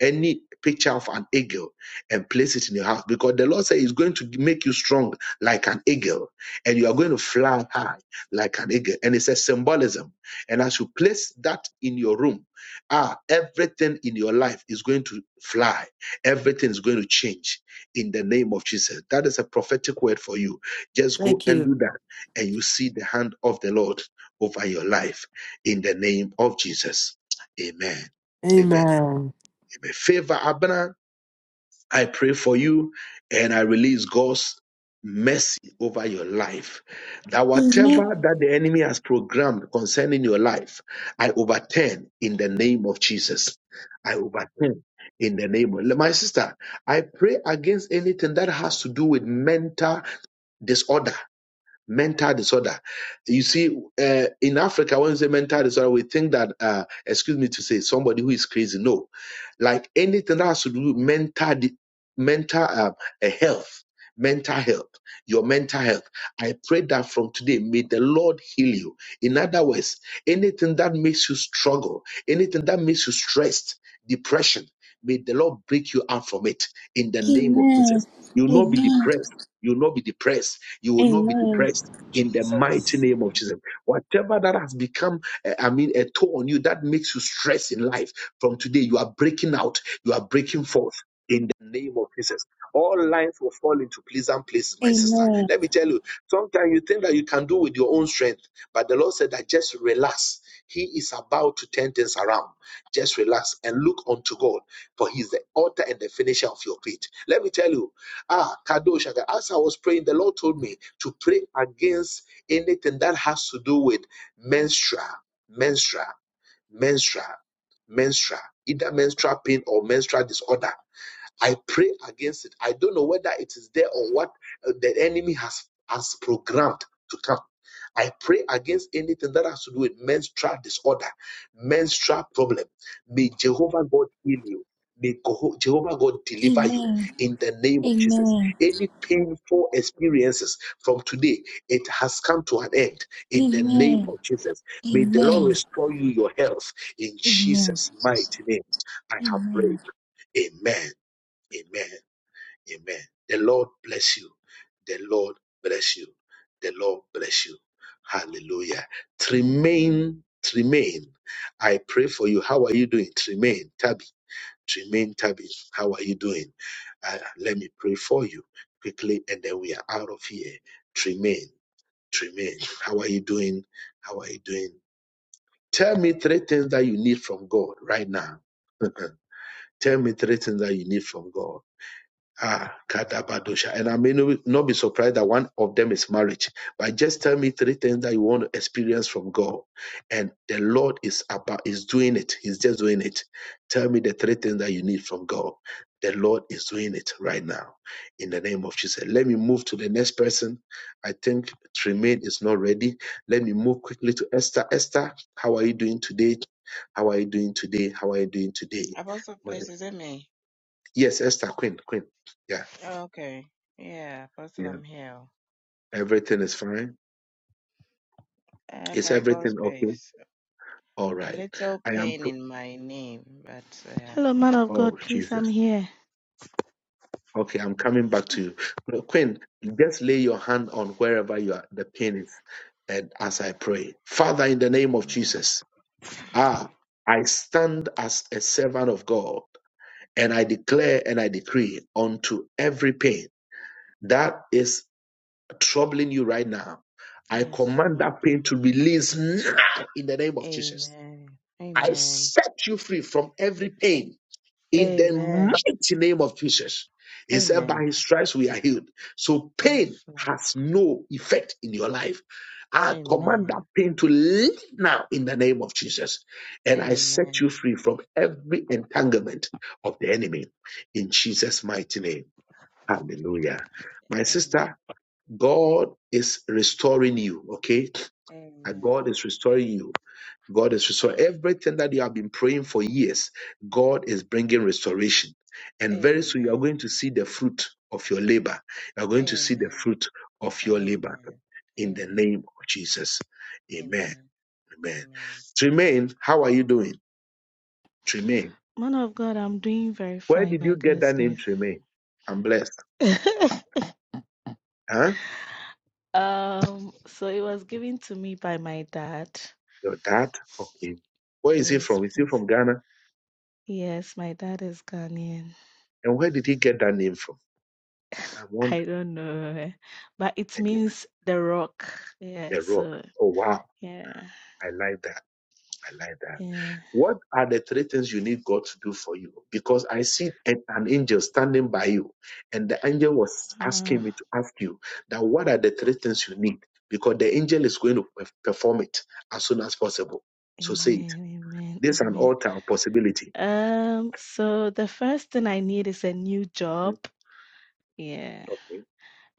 A: Any picture of an eagle and place it in your house because the Lord says He's going to make you strong like an eagle and you are going to fly high like an eagle. And it's a symbolism. And as you place that in your room, ah, everything in your life is going to fly. Everything is going to change in the name of Jesus. That is a prophetic word for you. Just go
C: Thank
A: and
C: you.
A: do that and you see the hand of the Lord over your life in the name of Jesus. Amen. Amen.
C: Amen.
A: Amen. Favor Abner, I pray for you and I release God's mercy over your life. That
G: Amen.
A: whatever that the enemy has programmed concerning your life, I overturn in the name of Jesus. I overturn in the name of my sister. I pray against anything that has to do with mental disorder mental disorder. You see, uh, in Africa, when we say mental disorder, we think that, uh, excuse me to say, somebody who is crazy. No, like anything that has to do with mental, di- mental um, uh, health, mental health, your mental health. I pray that from today, may the Lord heal you. In other words, anything that makes you struggle, anything that makes you stressed, depression, may the Lord break you out from it in the name of
G: Amen.
A: Jesus. You'll not be
G: Amen.
A: depressed. You'll not be depressed you will not be
G: Amen.
A: depressed in the
E: Jesus.
A: mighty name of Jesus. Whatever that has become, eh, I mean, a toll on you that makes you stress in life, from today, you are breaking out, you are breaking forth. In the name of Jesus, all lines will fall into pleasant places, my sister.
G: Amen.
A: Let me tell you, sometimes you think that you can do with your own strength, but the Lord said that just relax. He is about to turn things around. Just relax and look unto God, for He is the author and the finisher of your faith. Let me tell you, Ah, Kadoshaka. As I was praying, the Lord told me to pray against anything that has to do with menstrual, menstrual, menstrual, menstrual, either menstrual pain or menstrual disorder. I pray against it. I don't know whether it is there or what uh, the enemy has has programmed to come. I pray against anything that has to do with menstrual disorder, menstrual problem. May Jehovah God heal you. May Jehovah God deliver you
G: Amen.
A: in the name of Jesus.
G: Amen.
A: Any painful experiences from today, it has come to an end in the name
G: Amen.
A: of Jesus. May the Lord
G: Amen.
A: restore you your health in
G: Amen.
A: Jesus' mighty name. I have
G: Amen.
A: prayed. Amen. Amen. Amen. The Lord bless you. The Lord bless you. The Lord bless you. Hallelujah. Tremaine, Tremaine, I pray for you. How are you doing? Tremaine, Tabby. Tremaine, Tabby, how are you doing? Uh, let me pray for you quickly and then we are out of here. Tremaine, Tremaine, how are you doing? How are you doing? Tell me three things that you need from God right now. Tell me three things that you need from God Ah, Kadabadosha. And I may no- not be surprised that one of them is marriage. But just tell me three things that you want to experience from God. And the Lord is about is doing it. He's just doing it. Tell me the three things that you need from God. The Lord is doing it right now. In the name of Jesus. Let me move to the next person. I think Tremaine is not ready. Let me move quickly to Esther. Esther, how are you doing today? How are you doing today? How are you doing today?
H: Apostle, please, is it me?
A: Yes, Esther, Queen, Queen.
H: Okay. Yeah, Apostle,
A: Yeah.
H: I'm here.
A: Everything is fine.
H: Uh,
A: Is
H: by God's
A: everything okay?
H: grace.
A: All
H: A
A: right.
H: little
A: I am.
H: pain
A: pr-
H: in my knee, but uh,
I: Hello, man of
A: Oh
I: God. Please, I'm
A: Jesus.
I: here.
A: Okay, I'm coming back to you. No, Queen, just lay your hand on wherever you are, the pain is, and as I pray, Father, in the name of
H: amen.
A: Jesus, ah, I stand as a servant of God, and I declare and I decree unto every pain that is troubling you right now. I
H: Yes,
A: command
H: Lord.
A: that pain to release now in the name of Jesus.
H: Amen.
A: I
H: Amen.
A: set you free from every pain in the
H: Amen.
A: mighty name of Jesus. He said, By
H: Amen.
A: his stripes we are healed. So pain
H: Yes, Lord.
A: has no effect in your life. I command
H: Amen.
A: that pain to leave now in the name of Jesus. And I set you
H: Amen.
A: free from every entanglement of the enemy in Jesus' mighty name. Hallelujah. My
H: Amen.
A: sister, God is restoring you, okay? And God
H: Amen.
A: is restoring you. God is restoring everything that you have been praying for years. God is bringing restoration. And very soon you are
H: Amen.
A: going to see the fruit of your labor. You are going to see the
H: Amen.
A: fruit of your labor
H: Amen.
A: in the
H: Amen.
A: name of Jesus. Amen.
H: Amen.
A: Amen.
H: Amen.
A: Tremaine, how are you doing? Tremaine,
I: Man of God, I'm doing very
A: where
I: fine
A: did you
I: by
A: get
I: God's
A: that name
I: grace.
A: Tremaine? I'm blessed. Huh?
I: um, so it was given to me by my dad.
A: Your dad? Okay. Where is he
I: Yes,
A: from? Is he
I: please.
A: from Ghana?
I: Yes, my dad is Ghanaian.
A: And where did he get that name from? I want
I: I don't know, eh, but it
A: and
I: means the rock. Yeah.
A: the rock.
I: So
A: Oh wow.
I: yeah,
A: I like that. I like that.
I: yeah.
A: What are the three things you need God to do for you? Because I see an, an angel standing by you, and the angel was
I: Ah,
A: asking me to ask you that what are the three things you need? Because the angel is going to perf- perform it as soon as possible. So say it.
I: amen, amen,
A: This is an
I: amen.
A: altar of possibility.
I: Um, so the first thing I need is a new
A: hmm
I: job. Yeah.
A: Okay.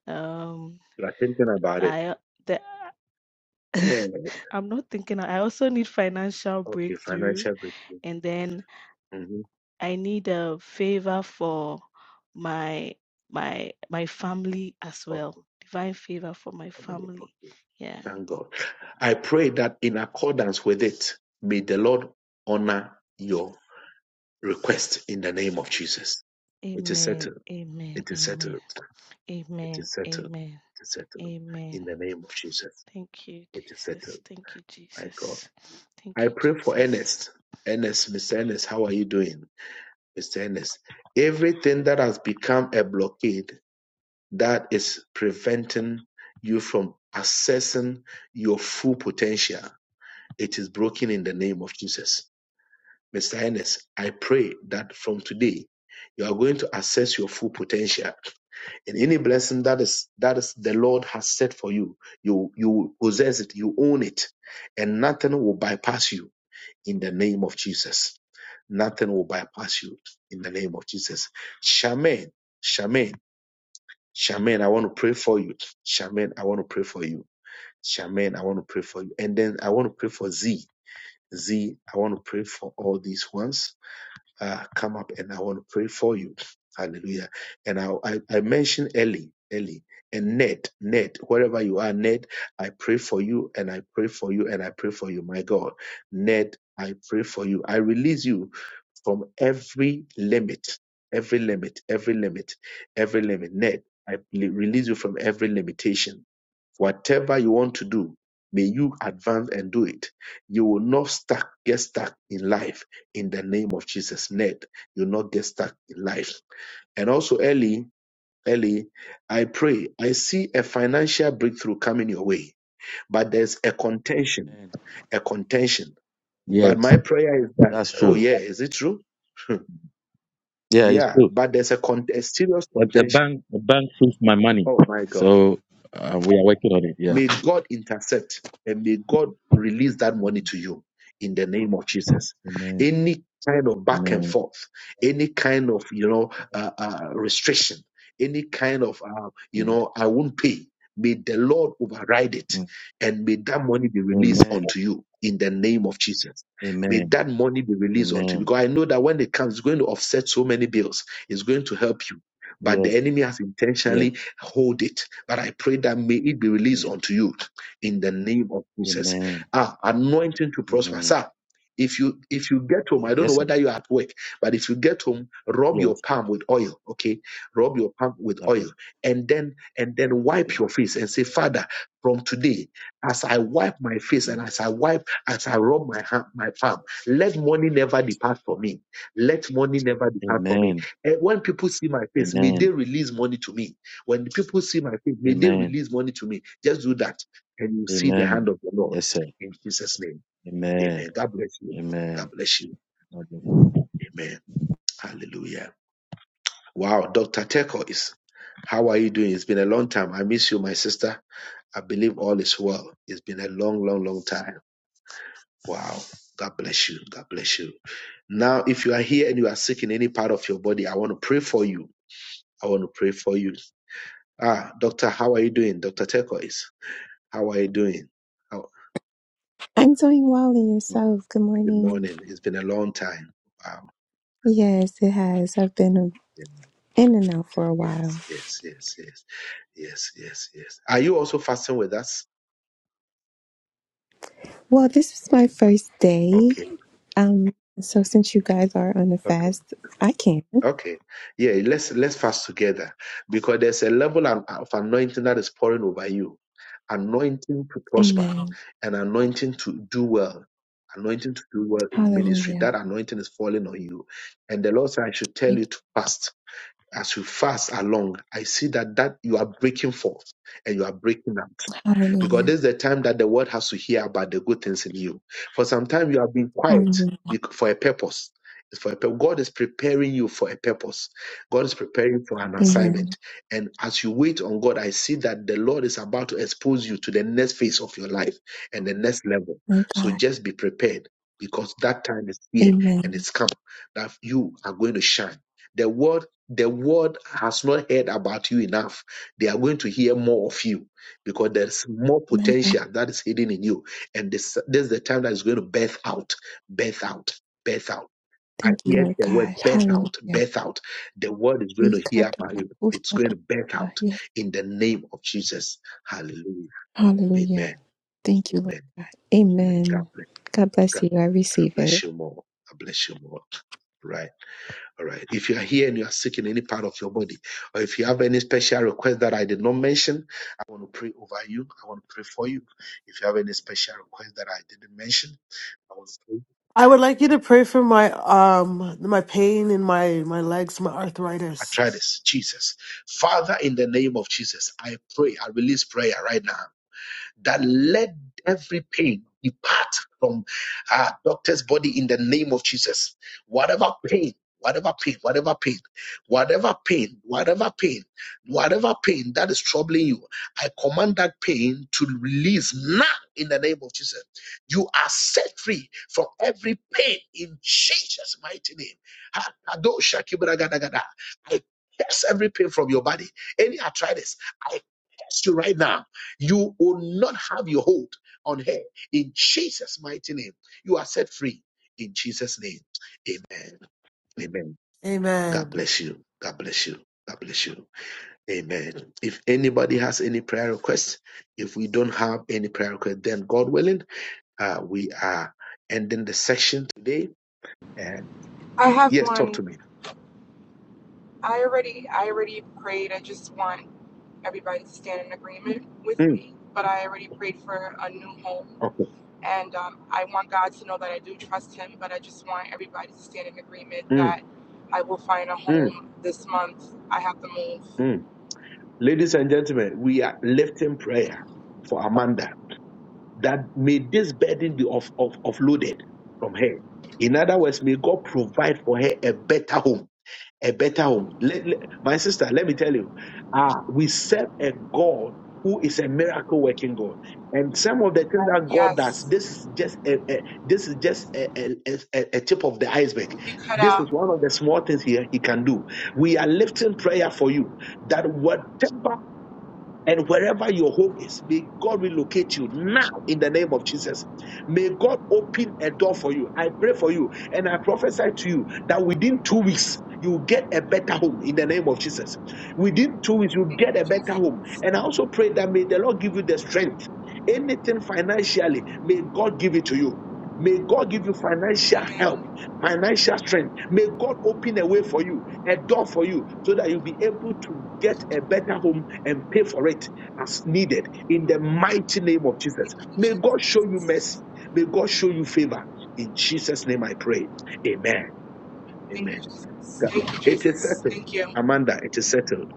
I: Um,
A: You are thinking about it.
I: I the
A: Yeah.
I: I'm not thinking. I also need financial
A: Okay.
I: breakthrough,
A: Financial breakthrough.
I: and then
A: hmm
I: I need a favor for my my my family as
A: Oh,
I: well. Divine favor for my
A: family.
I: family.
A: Okay.
I: Yeah.
A: Thank God. I pray that in accordance with it, may the Lord honor your request in the name of Jesus. It is
I: Amen.
A: settled.
I: Amen.
A: It is
I: Amen.
A: settled. It
I: Amen.
A: is settled.
I: Amen.
A: It is settled.
I: Amen.
A: In the name of Jesus.
I: Thank you,
A: It is settled.
I: Jesus. Thank you,
A: My God.
I: Jesus.
A: I
I: Thank you,
A: pray for
I: Jesus.
A: Ernest. Ernest, Mr. Ernest, how are you doing? Mr. Ernest, everything that has become a blockade that is preventing you from accessing your full potential, it is broken in the name of Jesus Mr. Hennes, I pray that from today you are going to assess your full potential. And any blessing that is that is the Lord has set for you, you you possess it, you own it, and nothing will bypass you in the name of Jesus. Nothing will bypass you in the name of Jesus. Shaman, Shaman, Shaman, I want to pray for you. Shaman, I want to pray for you. Shaman, I want to pray for you. And then I want to pray for Z. Z, I want to pray for all these ones uh, come up and I want to pray for you. Hallelujah. And I, I, I mentioned Ellie, Ellie, and Ned, Ned, wherever you are, Ned, I pray for you and I pray for you and I pray for you, my God. Ned, I pray for you. I release you from every limit, every limit, every limit, every limit. Ned, I release you from every limitation Whatever you want to do, may you advance and do it. You will not stuck, get stuck in life in the name of Jesus. Ned, you'll not get stuck in life. And also, Ellie, Ellie, I pray, I see a financial breakthrough coming your way, but there's a contention, a contention. But
F: Yes,
A: my prayer is that,
F: that's
A: oh
F: true.
A: yeah, is it true?
F: Yeah, it's
A: Yeah,
F: true.
A: but there's a, con- a serious
F: The the
A: contention.
F: bank, the bank took my money,
A: Oh my God.
F: so uh, we are working on it. Yeah.
A: May God intercept and may God release that money to you in the name of Jesus.
F: Amen.
A: Any kind of back and
F: Amen.
A: forth, any kind of you know uh, uh, restriction, any kind of uh, you
F: Yes.
A: know I won't pay. May the Lord override it
F: Mm.
A: and may that money be released
F: Amen.
A: unto you in the name of Jesus. May
F: Amen.
A: that money be released unto you
F: Amen.
A: because I know that when it comes, it's going to offset so many bills. It's going to help you. But
F: Yes.
A: the enemy has
F: Yes.
A: intentionally hold it. But I pray that may it be released
F: yes.
A: unto you in the name of Jesus.
F: Amen.
A: Ah, anointing to prosper.
F: Amen.
A: Sir, if you if you get home,
F: Lord.
A: I don't know
F: Yes, sir.
A: whether you're at work, but if you get home, rub your
F: Yes.
A: palm with oil, okay? Rub your palm with
F: Okay.
A: oil and then and then wipe
F: Okay.
A: your face and say, Father, from today, as I wipe my face and as I wipe, as I rub my hand, my palm, let money never depart from me. Let money never depart from me.
F: Amen.
A: And when people see my face, may they
F: Amen.
A: release money to me when the people see my faith, may they
F: Amen.
A: release money to me. Just do that, and you see the
F: Amen.
A: hand of the Lord
F: Yes, sir.
A: in Jesus' name.
F: Amen.
A: Amen. God bless you. God
F: Amen.
A: bless you.
F: God bless you.
A: Amen. Hallelujah. Wow, Dr. Teko is. How are you doing? It's been a long time. I miss you, my sister. I believe all is well. It's been a long, long, long time. Wow. God bless you. God bless you. Now, if you are here and you are sick in any part of your body, I want to pray for you. I want to pray for you. Ah, doctor, how are you doing? Dr. Teko is. how are you doing? How,
J: I'm doing well in
A: Well,
J: yourself. Good
A: Good
J: morning.
A: morning. It's been a long time. Wow.
J: Yes, it has. I've been
A: Yeah.
J: in and out for a while.
A: Yes, yes, yes, yes, yes, yes, yes. Are you also fasting with us?
J: Well, this was my first day.
A: Okay,
J: Um, so since you guys are on a
A: okay,
J: fast, I can.
A: okay. Yeah, let's let's fast together because there's a level an- of anointing that is pouring over you, anointing to prosper,
J: Amen.
A: and anointing to do well, anointing to do well in ministry.
J: Hallelujah.
A: That anointing is falling on you, and the Lord said, "I should tell
J: Thank
A: you to
J: you.
A: fast." As you fast along, I see that that you are breaking forth and you are breaking up because
J: Hallelujah.
A: this is the time that the world has to hear about the good things in you. For some time, you have been quiet
J: Hallelujah.
A: bec- for a purpose. It's For a pur- God is preparing you for a purpose. God is preparing for an
J: Amen.
A: assignment. And as you wait on God, I see that the Lord is about to expose you to the next phase of your life and the next level.
J: My
A: So
J: God.
A: just be prepared because that time is here and
J: Amen.
A: it's come that you are going to shine. The world, the world has not heard about you enough. They are going to hear more of you because there's more
J: My God.
A: potential that is hidden in you. And this, this is the time that is going to birth out, birth out, birth out. I
J: Thank you,
A: hear
J: Lord
A: the word
J: God.
A: birth out,
J: Hallelujah.
A: birth out. The word is going
J: We
A: to
J: cut
A: hear
J: the
A: about
J: back,
A: you.
J: we
A: It's
J: shut
A: going
J: the
A: to birth
J: back.
A: out
J: Yes.
A: in the name of Jesus. Hallelujah.
J: Hallelujah.
A: Amen.
J: Thank you, Lord
A: Amen.
J: God.
A: Amen. God
J: Amen.
A: bless,
J: God bless
A: God
J: you. I receive it.
A: bless you more. God bless you more. Right. All right. If you are here and you are sick in any part of your body, or if you have any special request that I did not mention, I want to pray over you. I want to pray for you. If you have any special request that I didn't mention, I want to pray. I try this. Jesus. Father, in the name of Jesus, I pray. I release prayer right now. that let every pain depart from our doctor's body in the name of Jesus. Whatever pain, whatever pain, whatever pain, whatever pain, whatever pain, whatever pain that is troubling you, I command that pain to release now in the name of Jesus. You are set free from every pain in Jesus' mighty name. Ha- Kadosha Kibragadagada. I curse every pain from your body. Any arthritis, I curse you right now you will not have your hold on her in Jesus' mighty name. You are set free in Jesus' name. Amen. Amen. God bless you. God bless you. God bless you. Amen. If anybody has any prayer request, if we don't have any prayer request, then God willing, uh, we are ending the session today. And
E: I have
A: yes, talk
E: one.
A: to me.
E: I already I already prayed. I just want everybody to stand in agreement with
A: Mm,
E: me. But I already prayed for a new home,
A: oh,
E: and um, I want God to know that I do trust Him. But I just want everybody to stand in agreement
A: mm,
E: that I will find a
A: mm,
E: home this month. I have to move.
A: mm. Ladies and gentlemen, we are lifting prayer for Amanda. that may this burden be off, off, offloaded from her. In other words, may God provide for her a better home. A better home. Let- let- my sister, let me tell you, uh, we serve a God who is a miracle working God. And some of the things that God does,
E: Yes,
A: this is just a, a- this is just a, a, a- a tip of the iceberg.
E: you cut
A: This
E: out.
A: is one of the small things he, he can do. We are lifting prayer for you that whatever and wherever your home is, may God relocate you now in the name of Jesus. May God open a door for you. I pray for you and I prophesy to you that within two weeks, you will get a better home in the name of Jesus. Within two weeks, you
E: Thank
A: get
E: you,
A: a better home.
E: Jesus.
A: And I also pray that may the Lord give you the strength. Anything financially, may God give it to you. May God give you financial help,
E: Amen.
A: financial strength. May God open a way for you a door for you so that you'll be able to get a better home and pay for it as needed in the mighty name of Jesus.
E: Thank you,
A: May God show you
E: Jesus.
A: mercy. May God show you favor in Jesus' name. we pray. Amen.
E: Thank
A: Amen.
E: you, Jesus.
A: God,
E: Thank you,
A: It is
E: Jesus.
A: settled.
E: Thank you.
A: Amanda, it is settled.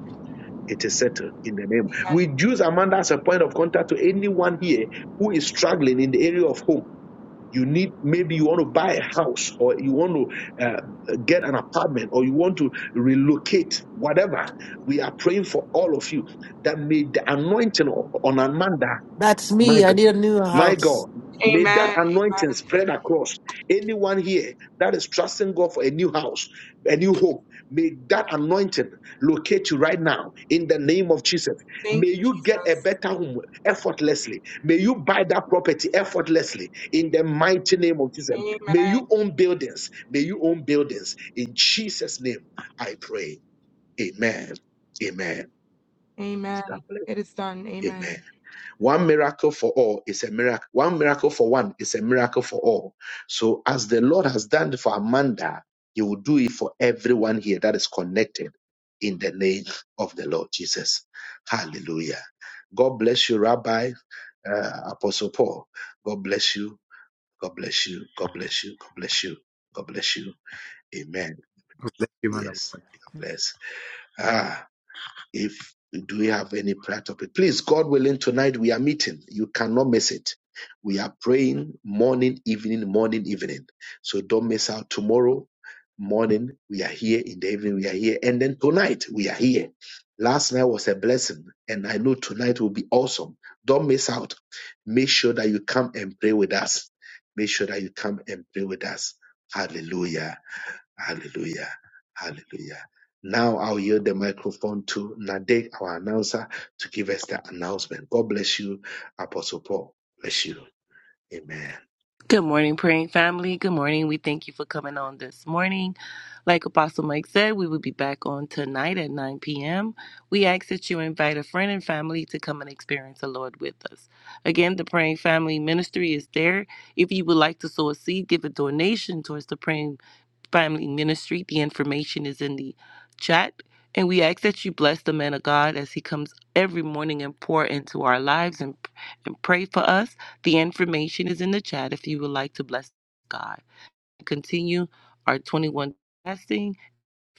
A: It is settled in the name. We
E: Amen.
A: use Amanda as a point of contact to anyone here who is struggling in the area of home you need maybe you want to buy a house or you want to uh, get an apartment or you want to relocate whatever we are praying for all of you that may the anointing on amanda my God, my God, may that
E: Amen. Amen.
A: anointing spread across anyone here that is trusting God for a new house, a new home. May that anointing locate you right now in the name of Jesus. May
E: Thank you,
A: you get a
E: Jesus.
A: better home effortlessly. May you buy that property effortlessly in the mighty name of Jesus. May
E: Amen.
A: you own buildings. May you own buildings. In Jesus' name, I pray. Amen. Amen. God
E: Amen.
A: bless.
E: It is done. Amen.
A: Amen. One miracle for all is a miracle. One miracle for one is a miracle for all. So, as the Lord has done for Amanda, He will do it for everyone here that is connected in the name of the Lord Jesus. Hallelujah. God bless you, Rabbi uh, Apostle Paul. God bless you. God bless you. God bless you. God bless you. God bless you. Amen.
K: Thank you, man of
A: Yes.
K: God.
A: God bless. Ah. If do we have any prayer topic? Please, God willing, tonight we are meeting. You cannot miss it. We are praying morning, evening, morning, evening. So don't miss out. Tomorrow morning we are here. In the evening we are here, and then tonight we are here. Last night was a blessing, and I know tonight will be awesome. Don't miss out. Make sure that you come and pray with us. Make sure that you come and pray with us. Hallelujah. Hallelujah. Hallelujah. Now I'll yield the microphone to Nadek, our announcer, to give us the announcement. God bless you, Apostle Paul. Bless you. Amen.
L: Good morning, praying family. Good morning. We thank you for coming on this morning. Like Apostle Mike said, we will be back on tonight at 9 p.m. We ask that you invite a friend and family to come and experience the Lord with us. Again, the Praying Family Ministry is there. If you would like to sow a seed, give a donation towards the Praying Family Ministry. The information is in the chat. And we ask that you bless the man of God as he comes every morning and pour into our lives and, and pray for us. The information is in the chat if you would like to bless God. Continue our 21 fasting,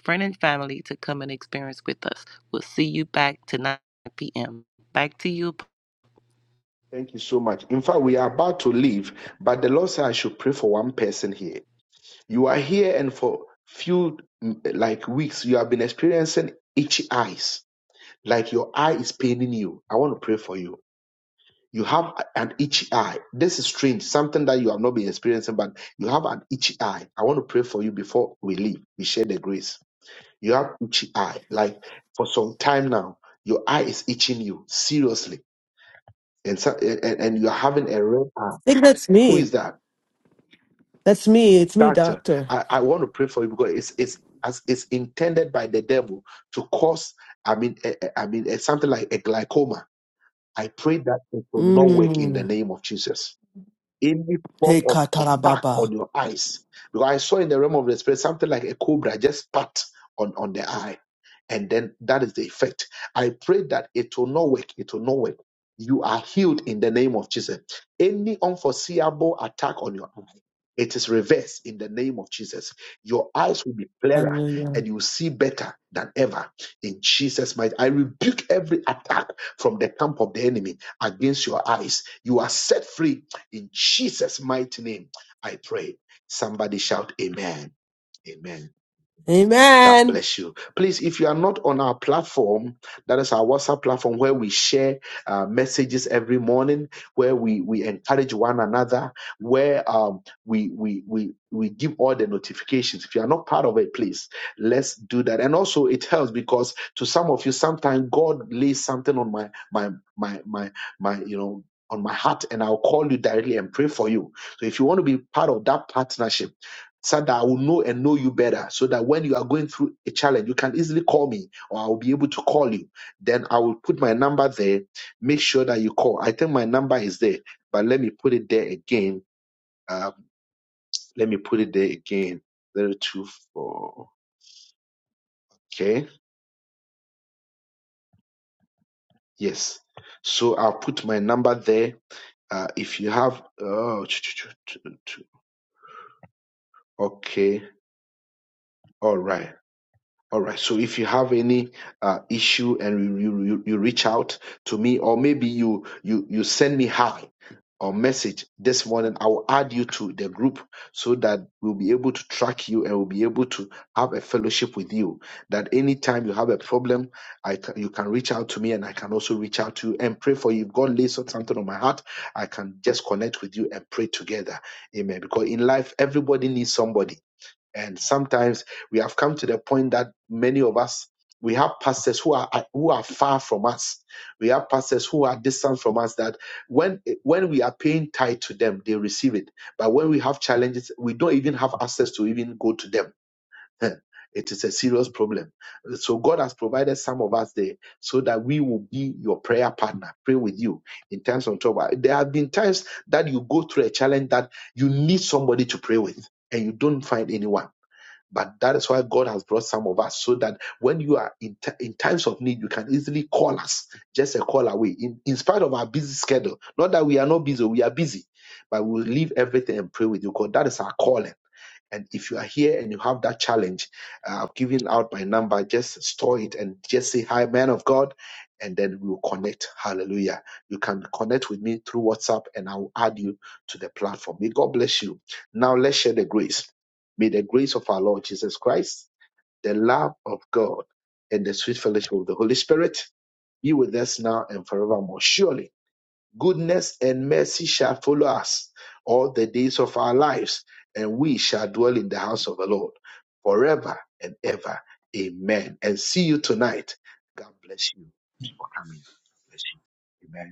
L: friend and family to come and experience with us. We'll see you back tonight at 9 p.m. Back to you.
A: Thank you so much. In fact, we are about to leave, but the Lord said I should pray for one person here. You are here, and for few mm, like weeks, you have been experiencing itchy eyes, like your eye is paining you. I want to pray for you. You have an itchy eye. This is strange, something that you have not been experiencing, but you have an itchy eye. I want to pray for you before we leave. We share the grace. You have itchy eye. Like for some time now, your eye is itching you seriously, and so, and, and you're having a red eye. Who is that? Doctor, I, I want to pray for you because it's it's as it's intended by the devil to cause. I mean, a- a- I mean, a- something like a glaucoma. I pray that it will not work in
C: Amen.
A: the name of Jesus. any form of attack on your eyes. Because I saw in the realm of the spirit something like a cobra just spat on, on the eye. And then that is the effect. I pray that it will not work. It will not work. You are healed in the name of Jesus. Any unforeseeable attack on your eye, it is reversed in the name of Jesus. Your eyes will be clearer and you will see better than ever in Jesus' might. I rebuke every attack from the camp of the enemy against your eyes. You are set free in Jesus' mighty name, I pray. Somebody shout, Amen. Amen. God bless you. Please, if you are not on our platform, that is our WhatsApp platform where we share uh, messages every morning, where we, we encourage one another, where um, we, we, we, we give all the notifications. If you are not part of it, please, let's do that. And also, it helps because to some of you, sometimes God lays something on my, my, my, my, my, you know, on my heart, and I'll call you directly and pray for you. So if you want to be part of that partnership, so that I will know and know you better, so that when you are going through a challenge, you can easily call me or I will be able to call you. Then I will put my number there. Make sure that you call. I think my number is there, but let me put it there again. Um, let me put it there again. 024. Okay. Yes. So I'll put my number there. Uh, if you have, oh, okay. All right. All right. So if you have any uh, issue and you, you you you reach out to me, or maybe you you you send me hi or message this morning, I will add you to the group so that we'll be able to track you and we'll be able to have a fellowship with you. That anytime you have a problem, I ca- you can reach out to me and I can also reach out to you and pray for you. If God lays something on my heart, I can just connect with you and pray together. Amen. Because in life, everybody needs somebody and sometimes we have come to the point that many of us we have pastors who are who are far from us. We have pastors who are distant from us. That when when we are paying tithe to them, they receive it. But when we have challenges, we don't even have access to even go to them. It is a serious problem. So God has provided some of us there so that we will be your prayer partner, pray with you in times of trouble. There have been times that you go through a challenge that you need somebody to pray with, and you don't find anyone but that is why God has brought some of us so that when you are in, t- in times of need, you can easily call us, just a call away, in, in spite of our busy schedule. Not that we are not busy, we are busy, but we will leave everything and pray with you because that is our calling and if you are here and you have that challenge, uh, I've given out my number. Just store it and just say, Hi, man of God. And then we will connect. Hallelujah. You can connect with me through WhatsApp and I will add you to the platform. May God bless you. Now let's share the grace. May the grace of our Lord Jesus Christ, the love of God, and the sweet fellowship of the Holy Spirit be with us now and forevermore. Surely goodness and mercy shall follow us all the days of our lives, and we shall dwell in the house of the Lord forever and ever. Amen. And see you tonight. God bless you for coming. God bless you. Amen.